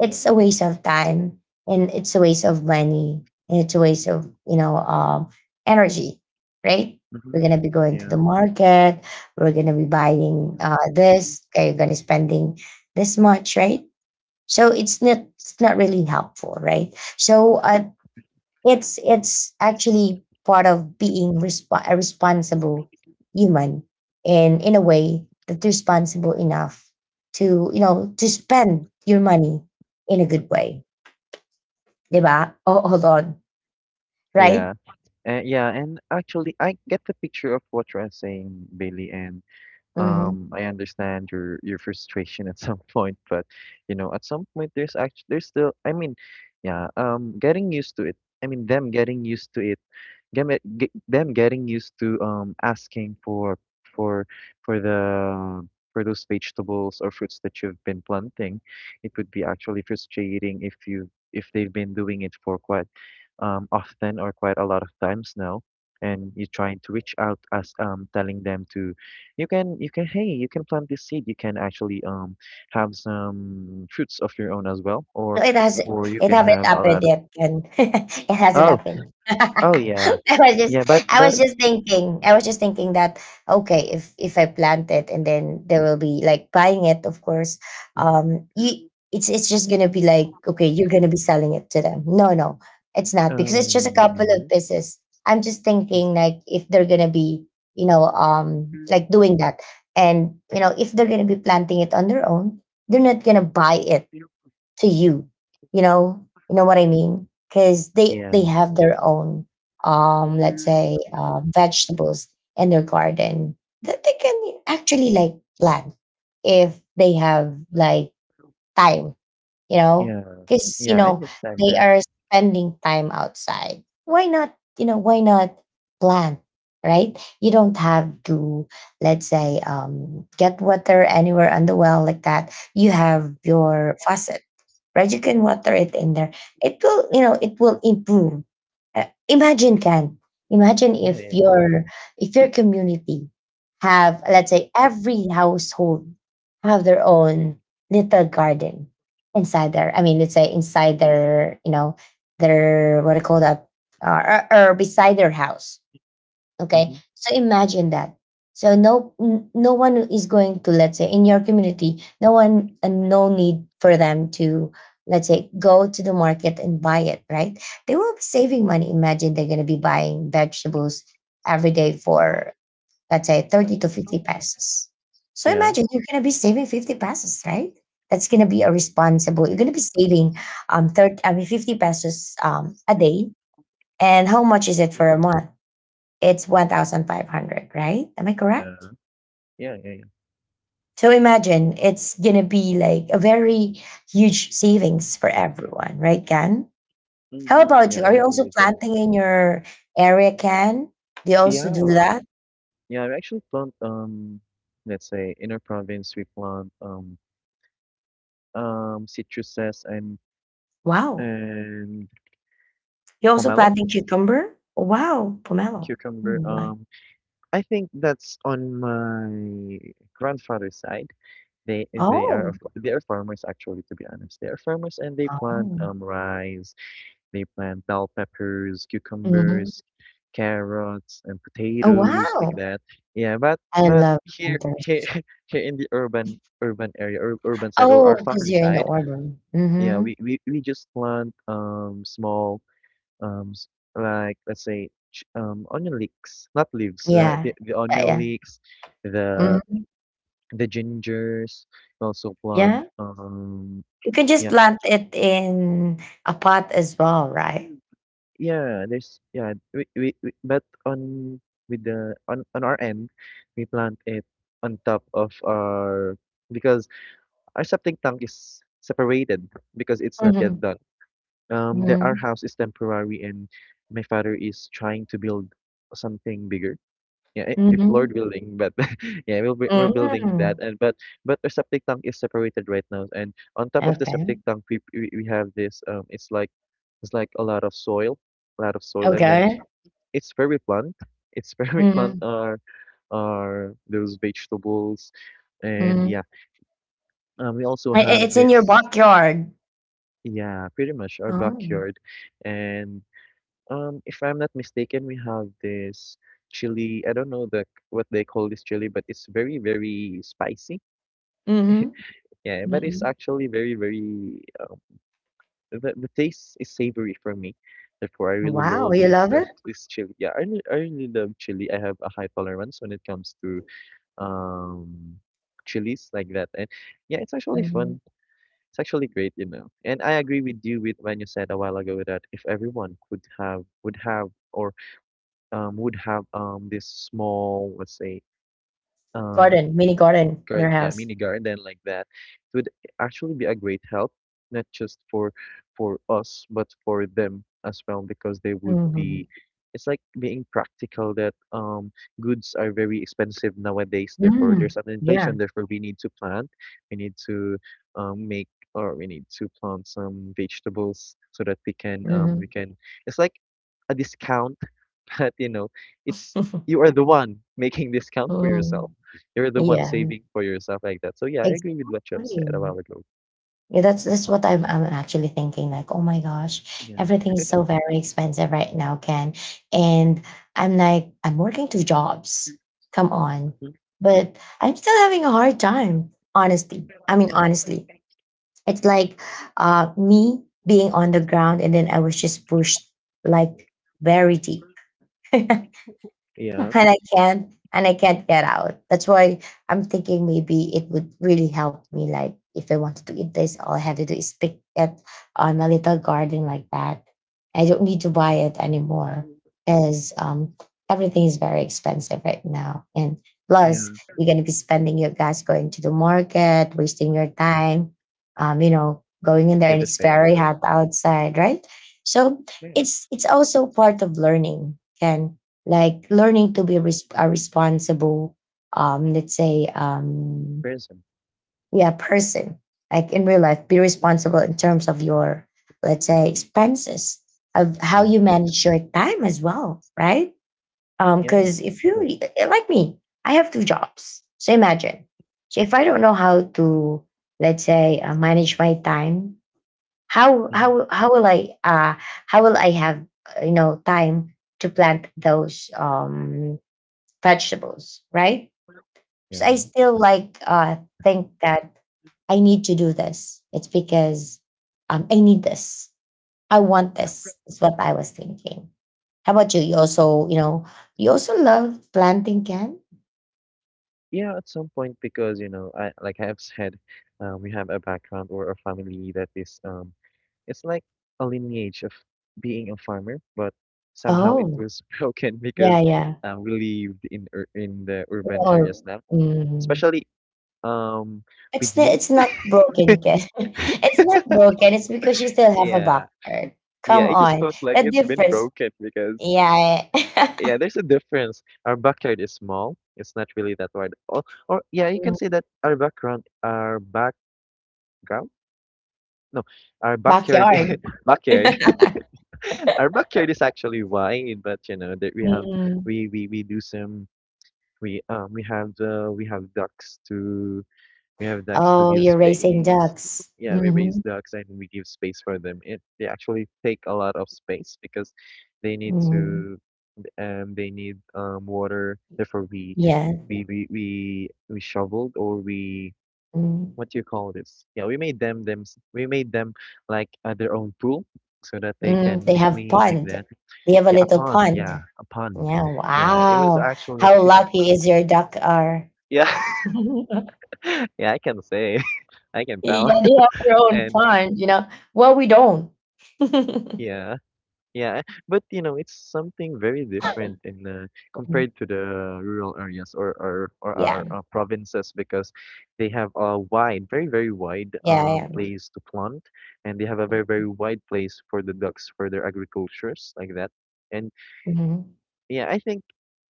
Speaker 1: it's a waste of time, and it's a waste of money, and it's a waste of, you know, energy, right? We're
Speaker 2: Mhm.
Speaker 1: gonna be going to
Speaker 2: Yeah.
Speaker 1: the market, we're gonna be buying, this, okay, you're gonna spending this much, right? So it's not really helpful, right? So, it's actually part of being a responsible human, and in a way that's responsible enough to, you know, to spend your money in a good
Speaker 2: Mhm.
Speaker 1: way, 'di ba? Oh, hold on, right?
Speaker 2: Yeah. And yeah, and actually I get the picture of what you're saying, Bailey, and,
Speaker 1: Mm-hmm.
Speaker 2: um, I understand your frustration at [laughs] some point. But you know, at some point there's actually, there's still I mean, yeah, um, getting used to it. I mean, them getting used to it, get, get them getting used to, um, asking for for the, for those vegetables or fruits that you've been planting. It would be actually frustrating if you, if they've been doing it for quite, um, often, or quite a lot of times now, and you're trying to reach out, as, um, telling them to, you can, hey, you can plant this seed, you can actually, um, have some fruits of your own as well, or
Speaker 1: No,
Speaker 2: or you
Speaker 1: it
Speaker 2: can
Speaker 1: haven't
Speaker 2: have a
Speaker 1: happened
Speaker 2: lot of.
Speaker 1: yet, Ken. [laughs] It hasn't
Speaker 2: Oh.
Speaker 1: happened. [laughs]
Speaker 2: Oh yeah. Yeah, but
Speaker 1: I was
Speaker 2: but.
Speaker 1: just thinking. I was just thinking that, okay, if I plant it, and then there will be like buying it, of course. You it's just gonna be like, okay, you're gonna be selling it to them. No, no, it's not because it's just a couple of
Speaker 2: Mhm,
Speaker 1: pieces. I'm just
Speaker 2: yes,
Speaker 1: thinking, like, if they're gonna be, you know, like, doing that. And, you know, if they're gonna be planting it on their own, they're not gonna buy it to you, you know, you know what I mean, because they
Speaker 2: yeah,
Speaker 1: have their own, let's say, vegetables in their garden that they can actually, like, plant if they have, like, time, you know,
Speaker 2: yeah,
Speaker 1: because, you
Speaker 2: yeah, I
Speaker 1: know,
Speaker 2: understand
Speaker 1: they
Speaker 2: that.
Speaker 1: are spending time outside. Why not, you know, why not plant, right? You don't have to, let's say, get water anywhere on the well like that, you have your faucet, right? You can water it in there. It will, you know, it will improve. Imagine, can imagine
Speaker 2: Yeah, yeah, yeah.
Speaker 1: if your community have, let's say, every household have their own little garden inside their, I mean, let's say, inside their, you know, their, what do you call that, or, beside their house. Okay.
Speaker 2: Mm-hmm.
Speaker 1: So imagine that. So no one is going to, let's say, in your community, no one, and no need for them to, let's say, go to the market and buy it, right? They will be saving money. Imagine they're going to be buying vegetables every day for, let's say, 30 to 50 pesos. So
Speaker 2: Yeah,
Speaker 1: imagine you're going to be saving 50 pesos, right? That's going to be a responsible. You're going to be saving 30, I mean, 50 pesos a day. And how much is it for a month? It's 1,500, right? Am I
Speaker 2: uh,
Speaker 1: correct?
Speaker 2: yeah, yeah, yeah.
Speaker 1: So imagine it's gonna be like a very huge savings for everyone, right, Ken? How
Speaker 2: Mm-hmm.
Speaker 1: about
Speaker 2: Yeah,
Speaker 1: you? Are
Speaker 2: I
Speaker 1: you
Speaker 2: agree
Speaker 1: also
Speaker 2: with that.
Speaker 1: planting in your area, Ken? Do you also do
Speaker 2: Yeah,
Speaker 1: that?
Speaker 2: yeah, I actually plant, let's say, in our province we plant, citruses,
Speaker 1: Wow,
Speaker 2: and
Speaker 1: you also
Speaker 2: pomelo,
Speaker 1: planting cucumber? Wow, pomelo.
Speaker 2: cucumber.
Speaker 1: Mm, like-
Speaker 2: I think that's on my grandfather's side. They are
Speaker 1: Oh.
Speaker 2: of, they are farmers actually, to be honest. They are farmers and they plant
Speaker 1: Oh.
Speaker 2: rice. They plant bell peppers,
Speaker 1: Mhm.
Speaker 2: cucumbers, carrots, and
Speaker 1: Oh,
Speaker 2: potatoes like
Speaker 1: wow.
Speaker 2: that. Yeah, but
Speaker 1: I
Speaker 2: but
Speaker 1: love
Speaker 2: here
Speaker 1: planters.
Speaker 2: here [laughs] here in the urban area or urban side or our
Speaker 1: Oh, because
Speaker 2: family
Speaker 1: you're in the
Speaker 2: side,
Speaker 1: order.
Speaker 2: yeah,
Speaker 1: Mm-hmm.
Speaker 2: we just plant small um s- like let's say onion leeks, not leaves, the,
Speaker 1: Yeah,
Speaker 2: the
Speaker 1: yeah,
Speaker 2: onion
Speaker 1: yeah.
Speaker 2: leeks, the
Speaker 1: Hmm.
Speaker 2: the gingers. We also plant
Speaker 1: Yeah.
Speaker 2: um.
Speaker 1: You can just
Speaker 2: Yeah,
Speaker 1: plant it in a pot as well, right?
Speaker 2: Yeah, we but on with the on our end, we plant it on top of our because our septic tank is separated because it's not yet
Speaker 1: Mhm.
Speaker 2: done. Our
Speaker 1: Mhm.
Speaker 2: house is temporary, and my father is trying to build something bigger. Yeah, if Lord
Speaker 1: Mhm.
Speaker 2: willing, but [laughs] yeah, we're building that,
Speaker 1: Mm.
Speaker 2: and but our septic tank is separated right now, and on top of the
Speaker 1: Okay.
Speaker 2: septic tank, we have this it's like a lot of soil, a lot of soil, and then
Speaker 1: Okay.
Speaker 2: it's very bland. It's very [laughs] bland
Speaker 1: Mhm.
Speaker 2: are those vegetables and
Speaker 1: Mhm.
Speaker 2: yeah. We also have
Speaker 1: It's in your
Speaker 2: this
Speaker 1: backyard.
Speaker 2: yeah, pretty much our
Speaker 1: Oh.
Speaker 2: backyard. And if I'm not mistaken, we have this chili. I don't know the what they call this chili, but it's very, very spicy.
Speaker 1: Mhm.
Speaker 2: Yeah, but it's
Speaker 1: Mhm.
Speaker 2: actually very, very the taste is savory for me. Therefore, I really
Speaker 1: Wow,
Speaker 2: love
Speaker 1: you
Speaker 2: this
Speaker 1: love it?
Speaker 2: [laughs] this chili. Yeah, I really love chili. I have a high tolerance when it comes to um, chilies like that. And yeah, it's actually
Speaker 1: Mhm.
Speaker 2: fun. It's actually great. And I agree with you with when you said a while ago that if everyone could have would have this small, let's say, um
Speaker 1: Garden, mini garden in their
Speaker 2: yeah,
Speaker 1: house.
Speaker 2: mini garden like that, it would actually be a great help, not just for us, but for them as well, because they would
Speaker 1: Mhm.
Speaker 2: be. It's like being practical that goods are very expensive nowadays. Therefore,
Speaker 1: Mm.
Speaker 2: there's an
Speaker 1: Yeah.
Speaker 2: inflation. Therefore, we need to plant. We need to make or we need to plant some vegetables so that we
Speaker 1: Mhm.
Speaker 2: can. It's like a discount. [laughs] But, it's you
Speaker 1: [laughs]
Speaker 2: are the one making this count for yourself.
Speaker 1: Mm.
Speaker 2: You're the one
Speaker 1: Yeah.
Speaker 2: saving for yourself like that. So yeah, I agree with what you have
Speaker 1: Exactly.
Speaker 2: said a while ago.
Speaker 1: Yeah, that's what I'm actually thinking. Like, oh my gosh,
Speaker 2: Yeah.
Speaker 1: everything
Speaker 2: [laughs]
Speaker 1: is so very expensive right now, Ken. And I'm like, I'm working two jobs. Come on.
Speaker 2: Mhm.
Speaker 1: But I'm still having a hard time, honestly. I mean, honestly. It's like, me being on the ground, and then I was just pushed, like, very deep. [laughs]
Speaker 2: Yeah.
Speaker 1: And I can't get out. That's why I'm thinking maybe it would really help me. Like if I wanted to eat this, all I had to do is pick it on my little garden like that. I don't need to buy it anymore because everything is very expensive right now. And
Speaker 2: Yeah.
Speaker 1: plus, you're gonna be spending your gas going to the market, wasting your time. You know, going in there
Speaker 2: Yeah.
Speaker 1: and
Speaker 2: The
Speaker 1: it's very
Speaker 2: fair.
Speaker 1: hot outside, right? So
Speaker 2: Yeah.
Speaker 1: it's also part of learning. Can, like, learning to be a responsible let's say
Speaker 2: Person.
Speaker 1: yeah person, like in real life be responsible in terms of your, let's say, expenses, of how
Speaker 2: Yeah.
Speaker 1: you manage your time as well, right?
Speaker 2: Yeah. Of
Speaker 1: Because if
Speaker 2: course.
Speaker 1: you, like me, I have two jobs, so imagine, so if I don't know how to, let's say, manage my time, how
Speaker 2: Hmm.
Speaker 1: how how will I how will I have you know, time to plant those vegetables, right?
Speaker 2: Yeah.
Speaker 1: So I still like, think that I need to do this. It's because I need this. I want
Speaker 2: Yeah.
Speaker 1: this. Is what I was thinking. How about you? You also, you know, you also love planting can.
Speaker 2: Yeah. At some point, because you know, I like I have said, we have a background or a family that is it's like a lineage of being a farmer, but somehow it
Speaker 1: Oh,
Speaker 2: was [laughs] broken
Speaker 1: yeah,
Speaker 2: because
Speaker 1: yeah.
Speaker 2: we lived in ur in the urban
Speaker 1: Or
Speaker 2: areas now,
Speaker 1: mm,
Speaker 2: especially um
Speaker 1: it's
Speaker 2: with
Speaker 1: the,
Speaker 2: me.
Speaker 1: it's not broken, Ken. [laughs] It's not broken. It's because you still have a
Speaker 2: Yeah,
Speaker 1: backyard.
Speaker 2: yeah,
Speaker 1: Come
Speaker 2: it just
Speaker 1: on,
Speaker 2: feels like
Speaker 1: the
Speaker 2: it's been
Speaker 1: difference.
Speaker 2: broken because
Speaker 1: Yeah,
Speaker 2: yeah,
Speaker 1: [laughs]
Speaker 2: there's a difference. Our backyard is small. It's not really that wide. Or, yeah, you can
Speaker 1: mm,
Speaker 2: say that our background, no, our backyard,
Speaker 1: backyard.
Speaker 2: [laughs] backyard [laughs]
Speaker 1: [laughs]
Speaker 2: our backyard is actually wide, but you know that we have
Speaker 1: Mm.
Speaker 2: we do some. We have ducks to we have ducks to
Speaker 1: Oh,
Speaker 2: give
Speaker 1: you're raising
Speaker 2: space.
Speaker 1: ducks.
Speaker 2: Yeah, we raise
Speaker 1: Mhm.
Speaker 2: ducks and we give space for them. It they actually take a lot of space because they need
Speaker 1: Mm.
Speaker 2: to they need water. Therefore
Speaker 1: Yeah.
Speaker 2: we shoveled or we,
Speaker 1: Mm.
Speaker 2: what do you call this? Yeah, we made them them we made them like their own pool so that they
Speaker 1: Mm.
Speaker 2: can
Speaker 1: They
Speaker 2: be
Speaker 1: have
Speaker 2: clean like
Speaker 1: pond.
Speaker 2: that.
Speaker 1: They have a
Speaker 2: Yeah, a
Speaker 1: little
Speaker 2: pond.
Speaker 1: pond.
Speaker 2: Yeah, a pond.
Speaker 1: Yeah.
Speaker 2: Yeah, it was
Speaker 1: Wow.
Speaker 2: actually
Speaker 1: How lucky is your duck are.
Speaker 2: [laughs] yeah.
Speaker 1: [laughs]
Speaker 2: [laughs] Yeah, I can say. [laughs] I can tell.
Speaker 1: Yeah, they have their
Speaker 2: [laughs]
Speaker 1: own
Speaker 2: And
Speaker 1: pond, you know. Well, we don't. [laughs]
Speaker 2: yeah, yeah. But you know, it's something very different in,
Speaker 1: Mm.
Speaker 2: compared to the rural areas or or our
Speaker 1: Yeah.
Speaker 2: provinces because they have a wide, very very wide
Speaker 1: Yeah. Yeah.
Speaker 2: place to plant, and they have a very very wide place for the ducks for their agricultures like that. And
Speaker 1: Mhm.
Speaker 2: yeah, I think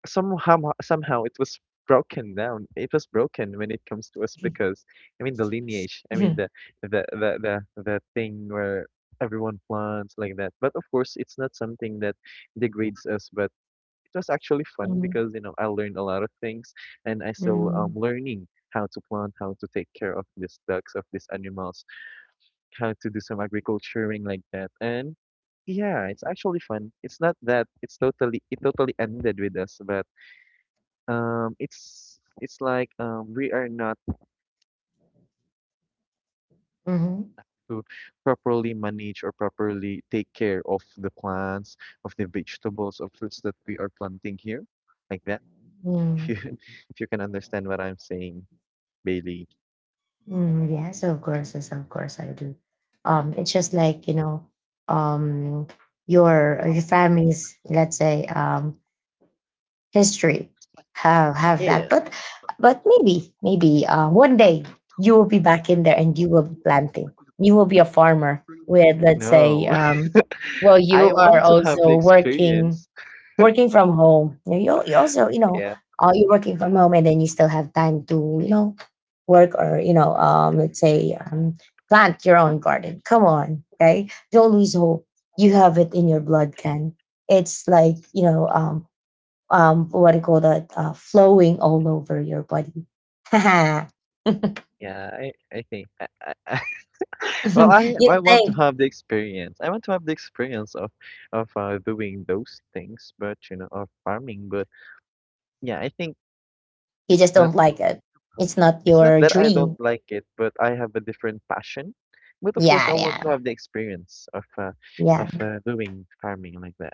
Speaker 2: somehow it was broken down. It was broken when it comes to us because I mean the lineage, I mean
Speaker 1: Mhm.
Speaker 2: the thing where everyone plants like that. But of course, it's not something that degrades us, but it was actually fun
Speaker 1: Mhm.
Speaker 2: because you know I learned a lot of things and I still
Speaker 1: Mhm.
Speaker 2: learning how to plant, how to take care of these ducks, of these animals, how to do some agriculturing like that. And yeah, it's actually fun. It's not that it's totally, it totally ended with us, but it's it's like we are not
Speaker 1: Mhm.
Speaker 2: to properly manage or properly take care of the plants, of the vegetables, of fruits that we are planting here. Like that. [laughs]
Speaker 1: Mhm.
Speaker 2: If you,
Speaker 1: [laughs]
Speaker 2: if you can understand what I'm saying, Bailey.
Speaker 1: Mm, yes, of course I do. It's just like, you know, um, your family's, let's say, history have
Speaker 2: Yeah,
Speaker 1: that,
Speaker 2: yeah.
Speaker 1: but but maybe one day you will be back in there and you will be planting. You will be a farmer with, let's say,
Speaker 2: No. [laughs]
Speaker 1: well, you
Speaker 2: I
Speaker 1: are
Speaker 2: want to have the
Speaker 1: also working,
Speaker 2: experience.
Speaker 1: working from home. You also, you know,
Speaker 2: Yeah,
Speaker 1: you're working from home and then you still have time to, you know, work or, you know, let's say plant your own garden. Come on. Okay. Don't lose hope. You have it in your blood, Ken. It's like, you know, what do you call that? Flowing all over your body. [laughs]
Speaker 2: yeah, I think I Well,
Speaker 1: You
Speaker 2: I want to
Speaker 1: think
Speaker 2: have the experience. I want to have the experience of, doing those things, but you know, of farming. But yeah, I think
Speaker 1: you
Speaker 2: it's
Speaker 1: just
Speaker 2: not,
Speaker 1: don't like it. It's not
Speaker 2: it's not
Speaker 1: your
Speaker 2: that I don't
Speaker 1: dream.
Speaker 2: like it, but I have a different passion. But of course, I
Speaker 1: Yeah,
Speaker 2: want
Speaker 1: yeah,
Speaker 2: to have the experience of,
Speaker 1: yeah.
Speaker 2: doing farming like that.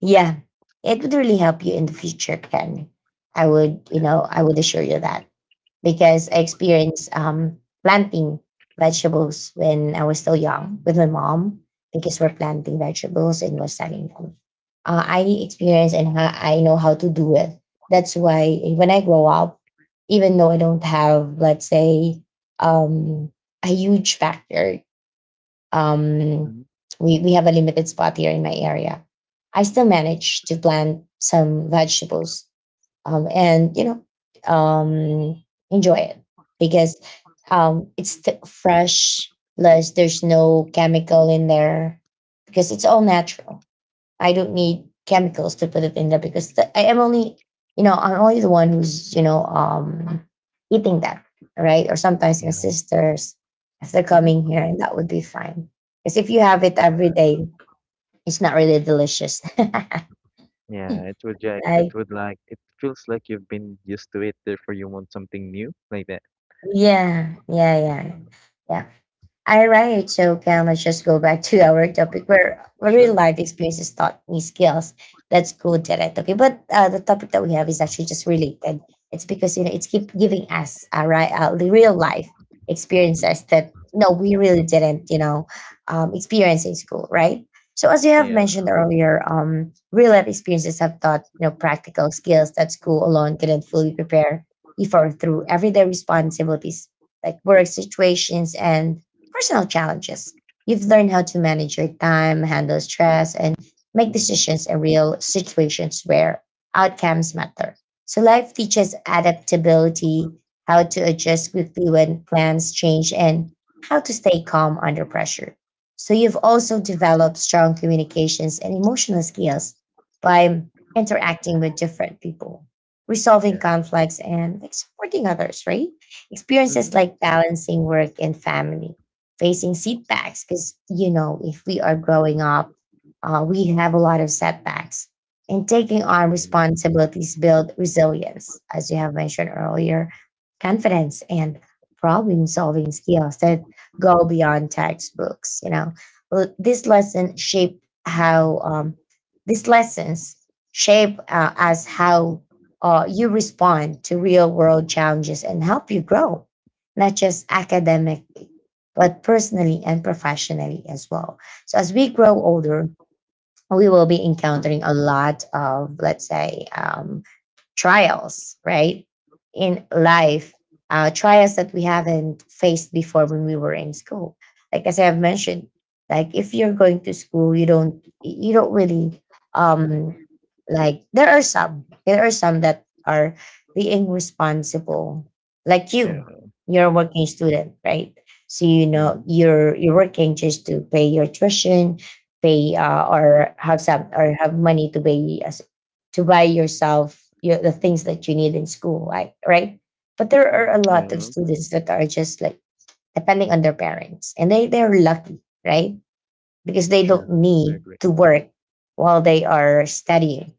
Speaker 1: Yeah, it would really help you in the future, Ken. I would, you know, I would assure you that because I experienced planting vegetables when I was still young with my mom, because we're planting vegetables and we're selling them. I experience and I know how to do it. That's why when I grow up, even though I don't have, let's say, um, a huge factor, um,
Speaker 2: Hmm.
Speaker 1: we have a limited spot here in my area. I still managed to plant some vegetables and, you know, enjoy it because it's fresh, plus there's no chemical in there because it's all natural. I don't need chemicals to put it in there because the, I am only, you know, I'm only the one who's, you know, eating that, right? Or sometimes my
Speaker 2: Yeah.
Speaker 1: sisters, if they're coming
Speaker 2: Hmm.
Speaker 1: here, and that would be fine. Because if you have it every day, it's not really delicious. [laughs] Like,
Speaker 2: Yeah, it would like, it would like, it feels like you've been used to it, therefore you want something new like that.
Speaker 1: yeah, yeah, yeah, yeah. All right, so can, let's just go back to our topic where real
Speaker 2: Sure.
Speaker 1: life experiences taught me skills. That's cool, Janet. Okay, but the topic that we have is actually just related. It's because, you know, it's keep giving us right, the real life experiences
Speaker 2: Hmm.
Speaker 1: that no, we really didn't, you know, experience in school, right? So as you have
Speaker 2: Yeah.
Speaker 1: mentioned earlier, real life experiences have taught, you know, practical skills that school alone didn't fully prepare before through everyday responsibilities like work situations and personal challenges. You've learned how to manage your time, handle stress, and make
Speaker 2: Hmm.
Speaker 1: decisions in real situations where outcomes matter. So life teaches adaptability, how to adjust quickly when plans change, and how to stay calm under pressure. So you've also developed strong communications and emotional skills by interacting with different people, resolving
Speaker 2: Yeah.
Speaker 1: conflicts, and, like, supporting others, right? Experiences
Speaker 2: Hmm.
Speaker 1: like balancing work and family, facing setbacks, because, you know, if we are growing up, we have a lot of setbacks, and taking on
Speaker 2: True.
Speaker 1: responsibilities build resilience, as you have mentioned earlier, confidence and problem solving skills that go beyond textbooks, you know. This lesson shape how these lessons shape as how you respond to real world challenges and help you grow, not just academic but personally and professionally as well. So as we grow older, we will be encountering a lot of, let's say, trials, right? In life, trials that we haven't faced before when we were in school. Like as I have mentioned, like if you're going to school, you don't really um like there are some, there are some that are being responsible, like
Speaker 2: Yeah,
Speaker 1: you. You're a working student, right? So, you
Speaker 2: yeah,
Speaker 1: know, you're working just to pay your tuition, pay or have some, or have money to pay as to buy yourself, you know, the things that you need in school, right? But there are
Speaker 2: mm,
Speaker 1: a
Speaker 2: yeah,
Speaker 1: lot of students that are just like depending on their parents, and they're lucky, right? Because they don't
Speaker 2: true. I
Speaker 1: need
Speaker 2: agree.
Speaker 1: to work while they are studying,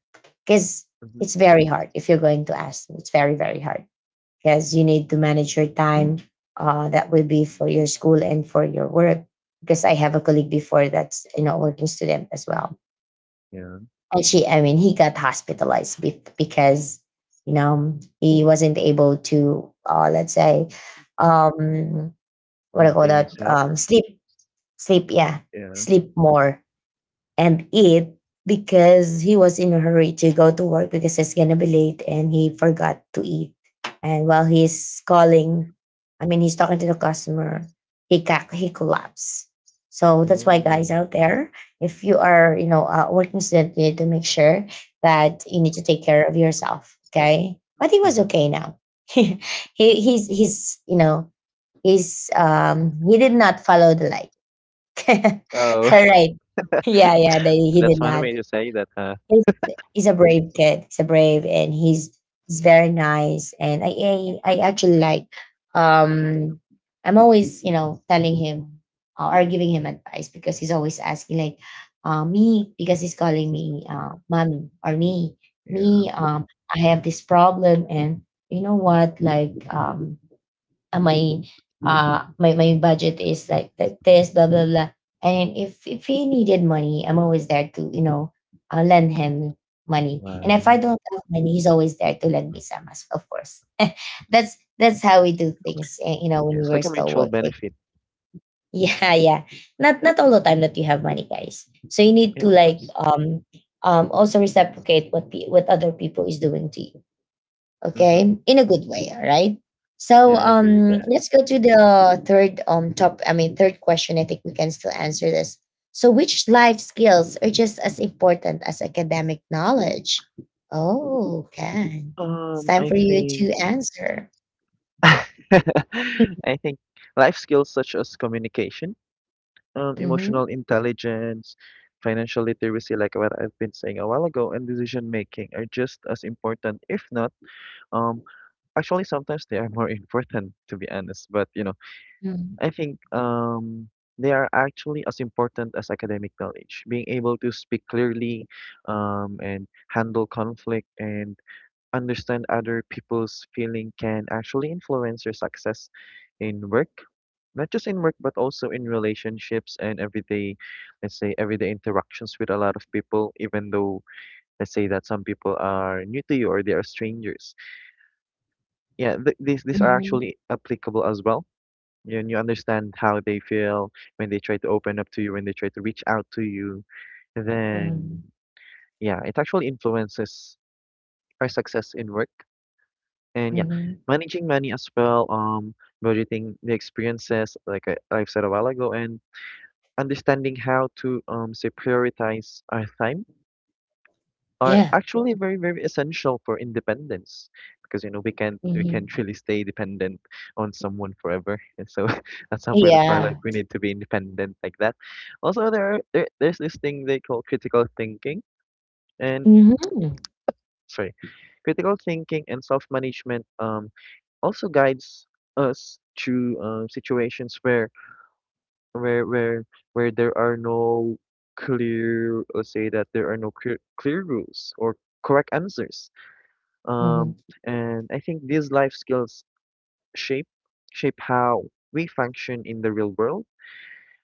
Speaker 1: because
Speaker 2: Hmm.
Speaker 1: it's very hard. If you're going to ask me, it's very hard because you need to manage your time. That will be for your school and for your work, because I have a colleague before that's, you know, a working student as well.
Speaker 2: Yeah,
Speaker 1: And she, I mean, he got hospitalized because, you know, he wasn't able to, let's say, um, what do you call
Speaker 2: maintain his
Speaker 1: that?
Speaker 2: health.
Speaker 1: Sleep, sleep, yeah,
Speaker 2: Yeah.
Speaker 1: sleep more and eat, because he was in a hurry to go to work because it's gonna be late and he forgot to eat. And while he's calling, I mean he's talking to the customer, he he collapsed. So that's why, guys
Speaker 2: Oh.
Speaker 1: out there, if you are, you know, a working student, you need to make sure that you need to take care of yourself. Okay, but he was
Speaker 2: Hmm.
Speaker 1: okay now. [laughs] He he's you know, he's he did not follow the light. [laughs]
Speaker 2: Oh,
Speaker 1: All right, yeah, yeah, they,
Speaker 2: [laughs]
Speaker 1: he did
Speaker 2: that's one
Speaker 1: not.
Speaker 2: way to say that, huh?
Speaker 1: He's, he's a brave kid. He's a brave and he's very nice. And I, I actually like um I'm always, you know, telling him or giving him advice because he's always asking like me, because he's calling me mommy, or me, me
Speaker 2: Yeah.
Speaker 1: I have this problem, and you know what, like my my budget is like that, this blah blah blah, and if he needed money, I'm always there to, you know, lend him money, and if I
Speaker 2: Wow.
Speaker 1: don't have money, he's always there to lend me some, as of course. That's how we do things, eh, you know,
Speaker 2: Yeah,
Speaker 1: when we
Speaker 2: it's
Speaker 1: were
Speaker 2: like a
Speaker 1: still
Speaker 2: mutual
Speaker 1: working.
Speaker 2: benefit.
Speaker 1: [laughs] Yeah, yeah, not not all the time that you have money, guys, so you need
Speaker 2: Yeah,
Speaker 1: to,
Speaker 2: of
Speaker 1: like,
Speaker 2: course.
Speaker 1: also reciprocate what what other people is doing to you, okay,
Speaker 2: Mm-hmm.
Speaker 1: in a good way, all right? So
Speaker 2: Yeah, I agree with that.
Speaker 1: let's go to the third top, I mean, third question. I think we can still answer this. So, which life skills are just as important as academic knowledge? Oh okay, it's time
Speaker 2: I
Speaker 1: for you to
Speaker 2: think
Speaker 1: answer.
Speaker 2: [laughs] I think life skills such as communication,
Speaker 1: Mm-hmm.
Speaker 2: emotional intelligence, financial literacy, like what I've been saying a while ago, and decision making are just as important, if not, um, actually sometimes they are more [laughs] important to be honest. But you know, I think they are actually as important as academic knowledge. Being able to speak clearly, and handle conflict and understand other people's feeling can actually influence your success in work, not just in work but also in relationships and everyday, let's say everyday interactions with a lot of people, even though, let's say that some people are new to you or they are strangers, yeah, these are
Speaker 1: Mm-hmm.
Speaker 2: actually applicable as well, and you understand how they feel when they try to open up to you, when they try to reach out to you, then yeah, it actually influences our success in work. And yeah,
Speaker 1: Mm-hmm.
Speaker 2: managing money as well, budgeting the experiences like I, I've said a while ago, and understanding how to, say prioritize our time, are
Speaker 1: Yeah.
Speaker 2: actually very very essential for independence because you know we can't
Speaker 1: Hmm.
Speaker 2: really stay dependent on someone forever, and so [laughs] at some point of our
Speaker 1: Yeah.
Speaker 2: life we need to be independent like that. Also there's this thing they call critical thinking, and
Speaker 1: Hmm.
Speaker 2: sorry, critical thinking and self-management also guides us to, situations where where where there are no clear, let's say that there are no clear rules or correct answers. um
Speaker 1: Hmm.
Speaker 2: and I think these life skills shape shape how we function in the real world.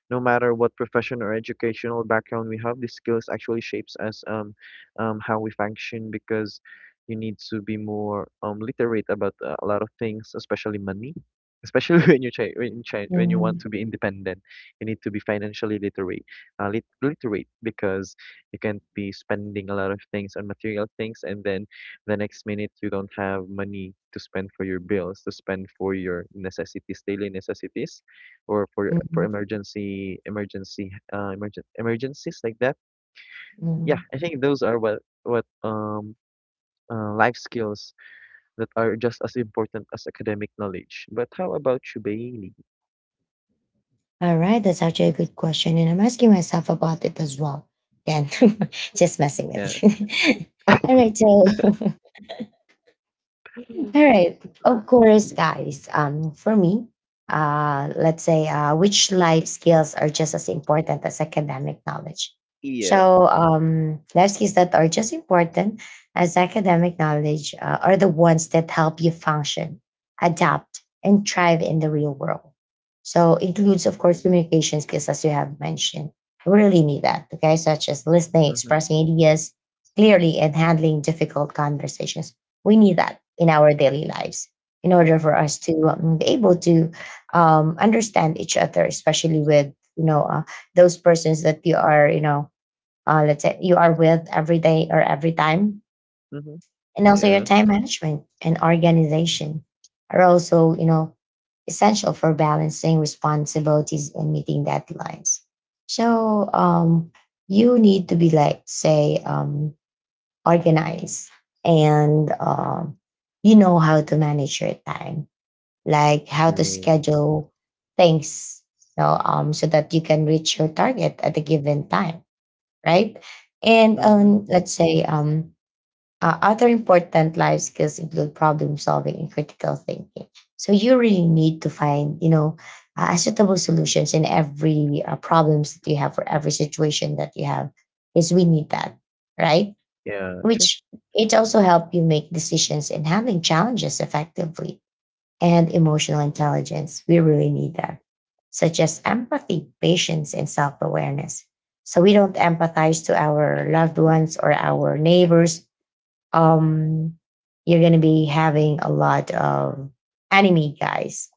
Speaker 2: No matter what profession or educational background we have, these skills actually shapes us, how we function because you need to be more literate about a lot of things, especially money. Especially [laughs] when you try, when you try, when you
Speaker 1: Hmm.
Speaker 2: want to be independent, you need to be financially literate, literate because you can't be spending a lot of things on material things, and then the next minute you don't have money to spend for your bills, to spend for your necessities, daily necessities, or for emergency emergency emergent emergencies like that. Yeah,
Speaker 1: Hmm.
Speaker 2: I think those are what life skills that are just as important as academic knowledge. But how about you, Bailey?
Speaker 1: All right, that's actually a good question, and I'm asking myself about it as well. Again, [laughs] just messing with
Speaker 2: Yeah.
Speaker 1: you. [laughs] All right, so all right. Of course, guys. For me, let's say, which life skills are just as important as academic knowledge.
Speaker 2: Yeah.
Speaker 1: So, life skills that are just important as academic knowledge are the ones that help you function, adapt, and thrive in the real world. So, includes, of course, communication skills, as you have mentioned. We really need that, okay? Such as listening,
Speaker 2: Mhm.
Speaker 1: expressing ideas clearly, and handling difficult conversations, we need that in our daily lives in order
Speaker 2: Mhm.
Speaker 1: for us to be able to understand each other, especially with, you know, those persons that you are, you know, let's say you are with every day or every time,
Speaker 2: Mhm.
Speaker 1: and also your
Speaker 2: Yeah.
Speaker 1: time management and organization are also, you know, essential for balancing responsibilities and meeting deadlines. So you need to be, like, say, organized and you know how to manage your time, like how to
Speaker 2: True.
Speaker 1: schedule things, you know, so that you can reach your target at a given time, right? And
Speaker 2: Mhm.
Speaker 1: let's say other important life skills include problem solving and critical thinking. So you really need to find, suitable solutions in every problems that you have for every situation that you have, because we need that, right?
Speaker 2: Yeah. True.
Speaker 1: which It also help you make decisions and handling challenges effectively, and emotional intelligence, we really need that, such as empathy, patience, and self-awareness, so we don't empathize to our loved ones or our neighbors. um you're going to be having a lot of enemy, guys,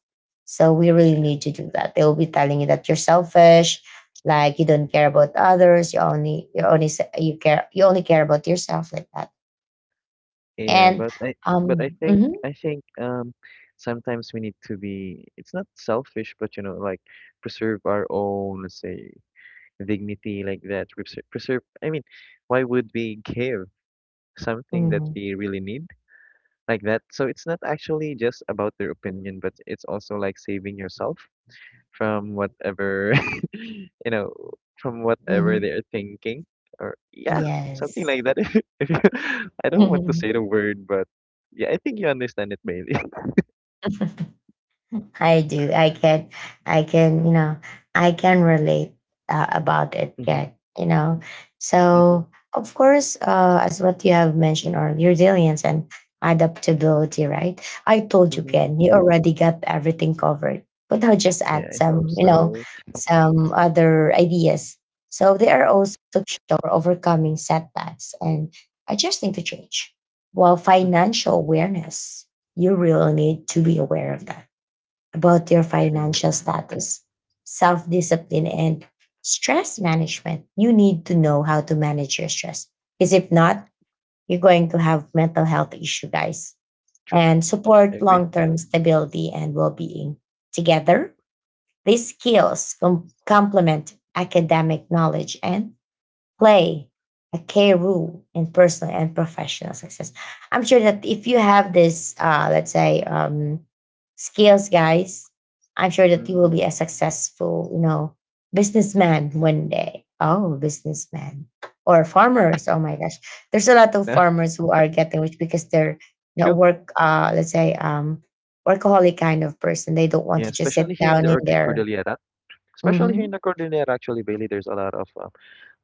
Speaker 1: so we
Speaker 2: True.
Speaker 1: really need to do that. They'll be telling you that you're selfish, like you don't care about others. You care, you only care about yourself, like that.
Speaker 2: Yeah,
Speaker 1: And
Speaker 2: but I think
Speaker 1: mhm,
Speaker 2: I think, sometimes we need to be, it's not selfish, but you know, like preserve our own, let's say, dignity like that. Preserve, preserve I mean, why would we give something that
Speaker 1: mhm,
Speaker 2: we really need like that? So it's not actually just about their opinion, but it's also like saving yourself from whatever [laughs] you know, from whatever
Speaker 1: mhm.
Speaker 2: they're thinking or yeah, something
Speaker 1: Yes.
Speaker 2: like that. [laughs] If you, [laughs] I don't want to
Speaker 1: [laughs]
Speaker 2: say the word, but yeah, I think you understand it, Bailey.
Speaker 1: I do. I can, you know, I can relate about it,
Speaker 2: [laughs] Hmm.
Speaker 1: Kat, you know.
Speaker 2: Hmm.
Speaker 1: So, of course, as what you have mentioned earlier, resilience and adaptability, right? I told you,
Speaker 2: Hmm. [laughs]
Speaker 1: Ken, you already got everything covered, but I'll just
Speaker 2: Yeah,
Speaker 1: add
Speaker 2: I hope
Speaker 1: some, you know,
Speaker 2: so.
Speaker 1: some other ideas. So, they are also crucial for overcoming setbacks and adjusting to change. While
Speaker 2: Mhm.
Speaker 1: financial awareness, you really need to be aware of that, about your
Speaker 2: Sure.
Speaker 1: financial status, self discipline, and stress management. You need to know how to manage your stress, because if not, you're going to have mental health issue, guys. And
Speaker 2: I
Speaker 1: support
Speaker 2: agree.
Speaker 1: long term stability and well being. Together, these skills complement academic knowledge and play a key role in personal and professional success. I'm sure that if you have this, let's say, skills, guys, I'm sure that you will be
Speaker 2: Hmm.
Speaker 1: a successful, you know, businessman one day. Oh, businessman or farmers. Oh my gosh, there's a lot of
Speaker 2: [laughs]
Speaker 1: farmers who are getting rich because they're, you know,
Speaker 2: True.
Speaker 1: work. Let's say, workaholic kind of person. They don't want
Speaker 2: Yeah,
Speaker 1: to just
Speaker 2: especially
Speaker 1: sit
Speaker 2: here in
Speaker 1: down
Speaker 2: the
Speaker 1: in
Speaker 2: Urti
Speaker 1: their.
Speaker 2: Cordillera. Especially here in
Speaker 1: hmm
Speaker 2: the Cordillera, actually, Bailey, there's a lot of,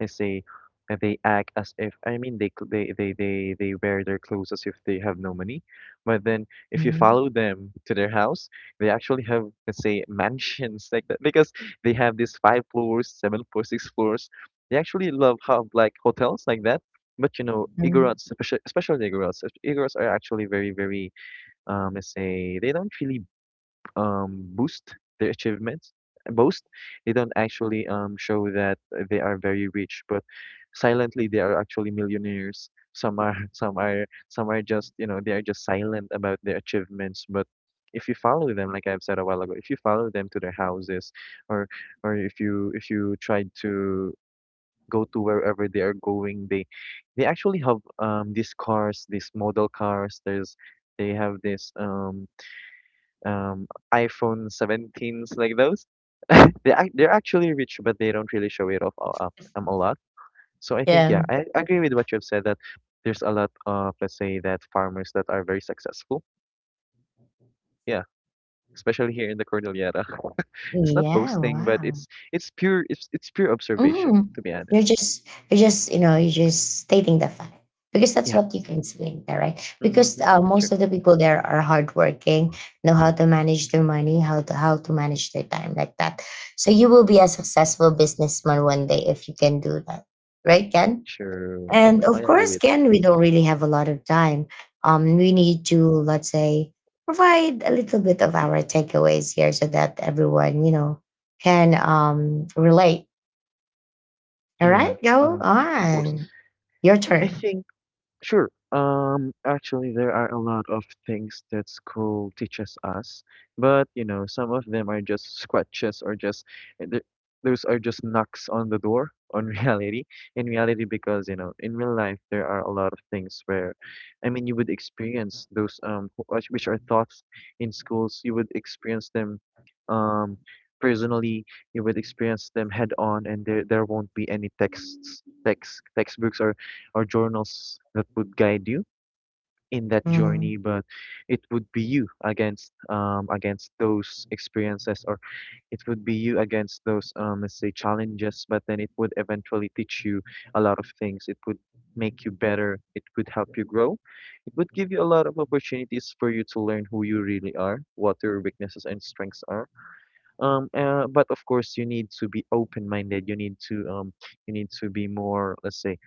Speaker 2: let's say, they act as if, they wear their clothes as if they have no money. But then if you
Speaker 1: hmm
Speaker 2: follow them to their house, they actually have, let's say, [laughs] mansions like that because they have these five floors, seven floors, six floors. They actually love how, like, hotels like that. But you know,
Speaker 1: hmm
Speaker 2: Igorots, especially the Igorots, Igorots are actually very, very, let's say, they don't really boost their achievements, boast. They don't actually show that they are very rich, but silently they are actually millionaires. Some are, [laughs] some are just, you know, they are just silent about their achievements. But if you follow them, like I've said a while ago, if you follow them to their houses, or or if you try to go to wherever they are going, they actually have these cars, these model cars. There's they have this um, iPhone 17s like those. [laughs] They're actually rich, but they don't really show it off a- up a lot. So I think, yeah,
Speaker 1: Yeah.
Speaker 2: I agree with what you've said that there's a lot of, let's say, that farmers that are very successful. Yeah, especially here in the Cordillera. [laughs] It's not
Speaker 1: Yeah.
Speaker 2: boasting, but
Speaker 1: Wow.
Speaker 2: it's pure observation,
Speaker 1: Mhm.
Speaker 2: to be
Speaker 1: You're
Speaker 2: honest.
Speaker 1: just you're just you know you're just stating the fact, because that's
Speaker 2: Yeah.
Speaker 1: what you can see in there, right?
Speaker 2: Hmm.
Speaker 1: Because
Speaker 2: Sure.
Speaker 1: most of the people there are hardworking, know how to manage their money, how to manage their time, like that. So you will be a successful businessman one day if you can do that, right, Ken?
Speaker 2: Sure.
Speaker 1: And of
Speaker 2: I agree
Speaker 1: course,
Speaker 2: with that.
Speaker 1: Ken, we don't really have a lot of time. We need to, let's say, provide a little bit of our takeaways here, so that everyone you know can relate. All
Speaker 2: Yeah.
Speaker 1: right, go
Speaker 2: Uh, of course.
Speaker 1: on. Your
Speaker 2: I
Speaker 1: turn.
Speaker 2: think. Sure. Actually, there are a lot of things that school teaches us, but you know, some of them are just scratches or just uh, th- those are just knocks on the door on [laughs] reality. In reality, because you know, in real life, there are a lot of things where, I mean, you would experience those which are thoughts in schools. You would experience them, um, personally. You would experience them head on, and there won't be any texts, text textbooks or journals that would guide you in that
Speaker 1: Mhm.
Speaker 2: journey, but it would be you against against those experiences, or it would be you against those let's say challenges, but then it would eventually teach you a lot of things. It would make you better, it would help you grow. It would give you a lot of opportunities for you to learn who you really are, what your weaknesses and strengths are. But of course you need to be open minded. You need to be more, let's say,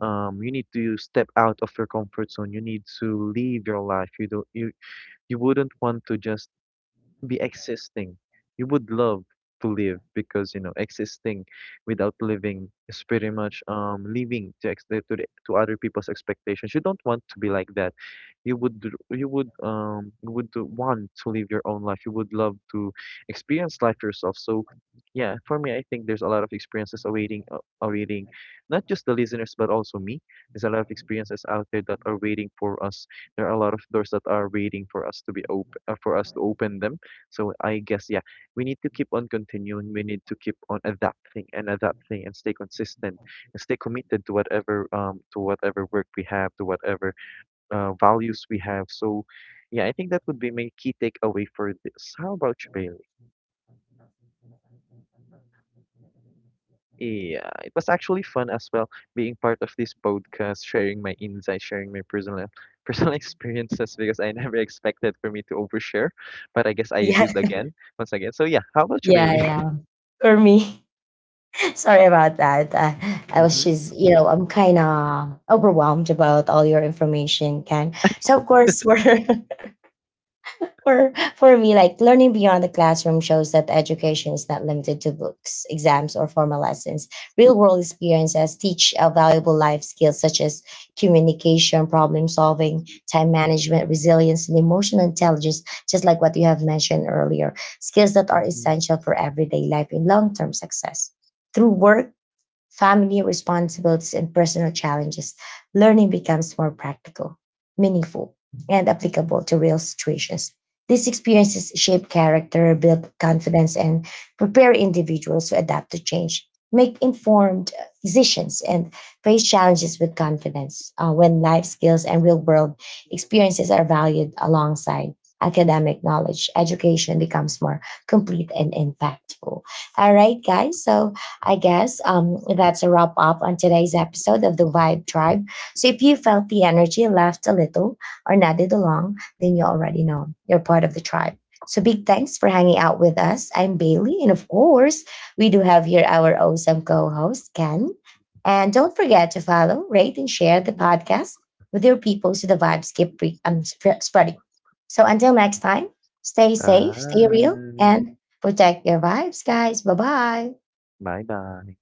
Speaker 2: you need to step out of your comfort zone. You need to live your life. You don't you you wouldn't want to just be existing. You would love to live because you know existing without living is pretty much living to to other people's expectations. You don't want to be like that. You would want to live your own life. You would love to experience life yourself. So yeah, for me, I think there's a lot of experiences awaiting awaiting not just the listeners but also me. There's a lot of experiences out there that are waiting for us. There are a lot of doors that are waiting for us to be open, for us to open them. So I guess, yeah, we need to keep on continuing. We need to keep on adapting and adapting and stay consistent and stay committed to whatever, to whatever work we have, to whatever values we have. So yeah, I think that would be my key takeaway for this. How about you, Bailey? Yeah, it was actually fun as well being part of this podcast, sharing my insights, sharing my personal [laughs] personal experiences, because I never expected for me to overshare, but I guess I did
Speaker 1: [laughs]
Speaker 2: again once again. So yeah, how about you,
Speaker 1: Yeah,
Speaker 2: Bailey?
Speaker 1: yeah, yeah. For me, [laughs] sorry about that. I was
Speaker 2: [laughs]
Speaker 1: just, you know, I'm kind of overwhelmed about all your information, Ken. So of course, we're [laughs] for me, like, learning beyond the classroom shows that education is not limited to books, exams, or formal lessons. Real world experiences teach valuable life skills such as communication, problem solving, time management, resilience, and emotional intelligence, just like what you have mentioned earlier. Skills that are
Speaker 2: Mm-hmm.
Speaker 1: essential for everyday life and long term success. Through work, family responsibilities, and personal challenges, learning becomes more practical, meaningful, and applicable to real situations. These experiences shape character, build confidence, and prepare individuals to adapt to change, make informed decisions, and face challenges with confidence when life skills and real world experiences are valued alongside academic knowledge, education becomes more complete and impactful. All right guys, so I guess that's a wrap up on today's episode of the Vibe Tribe. So if you felt the energy, laughed a little, or nodded along, then you already know you're part of the tribe. So big thanks for hanging out with us. I'm Bailey, and of course, we do have here our awesome co-host Ken. And don't forget to follow, rate, and share the podcast with your people so the vibes keep spreading. So until next time, stay safe, stay real,
Speaker 2: Bye.
Speaker 1: and protect your vibes, guys. Bye bye.
Speaker 2: Bye-bye.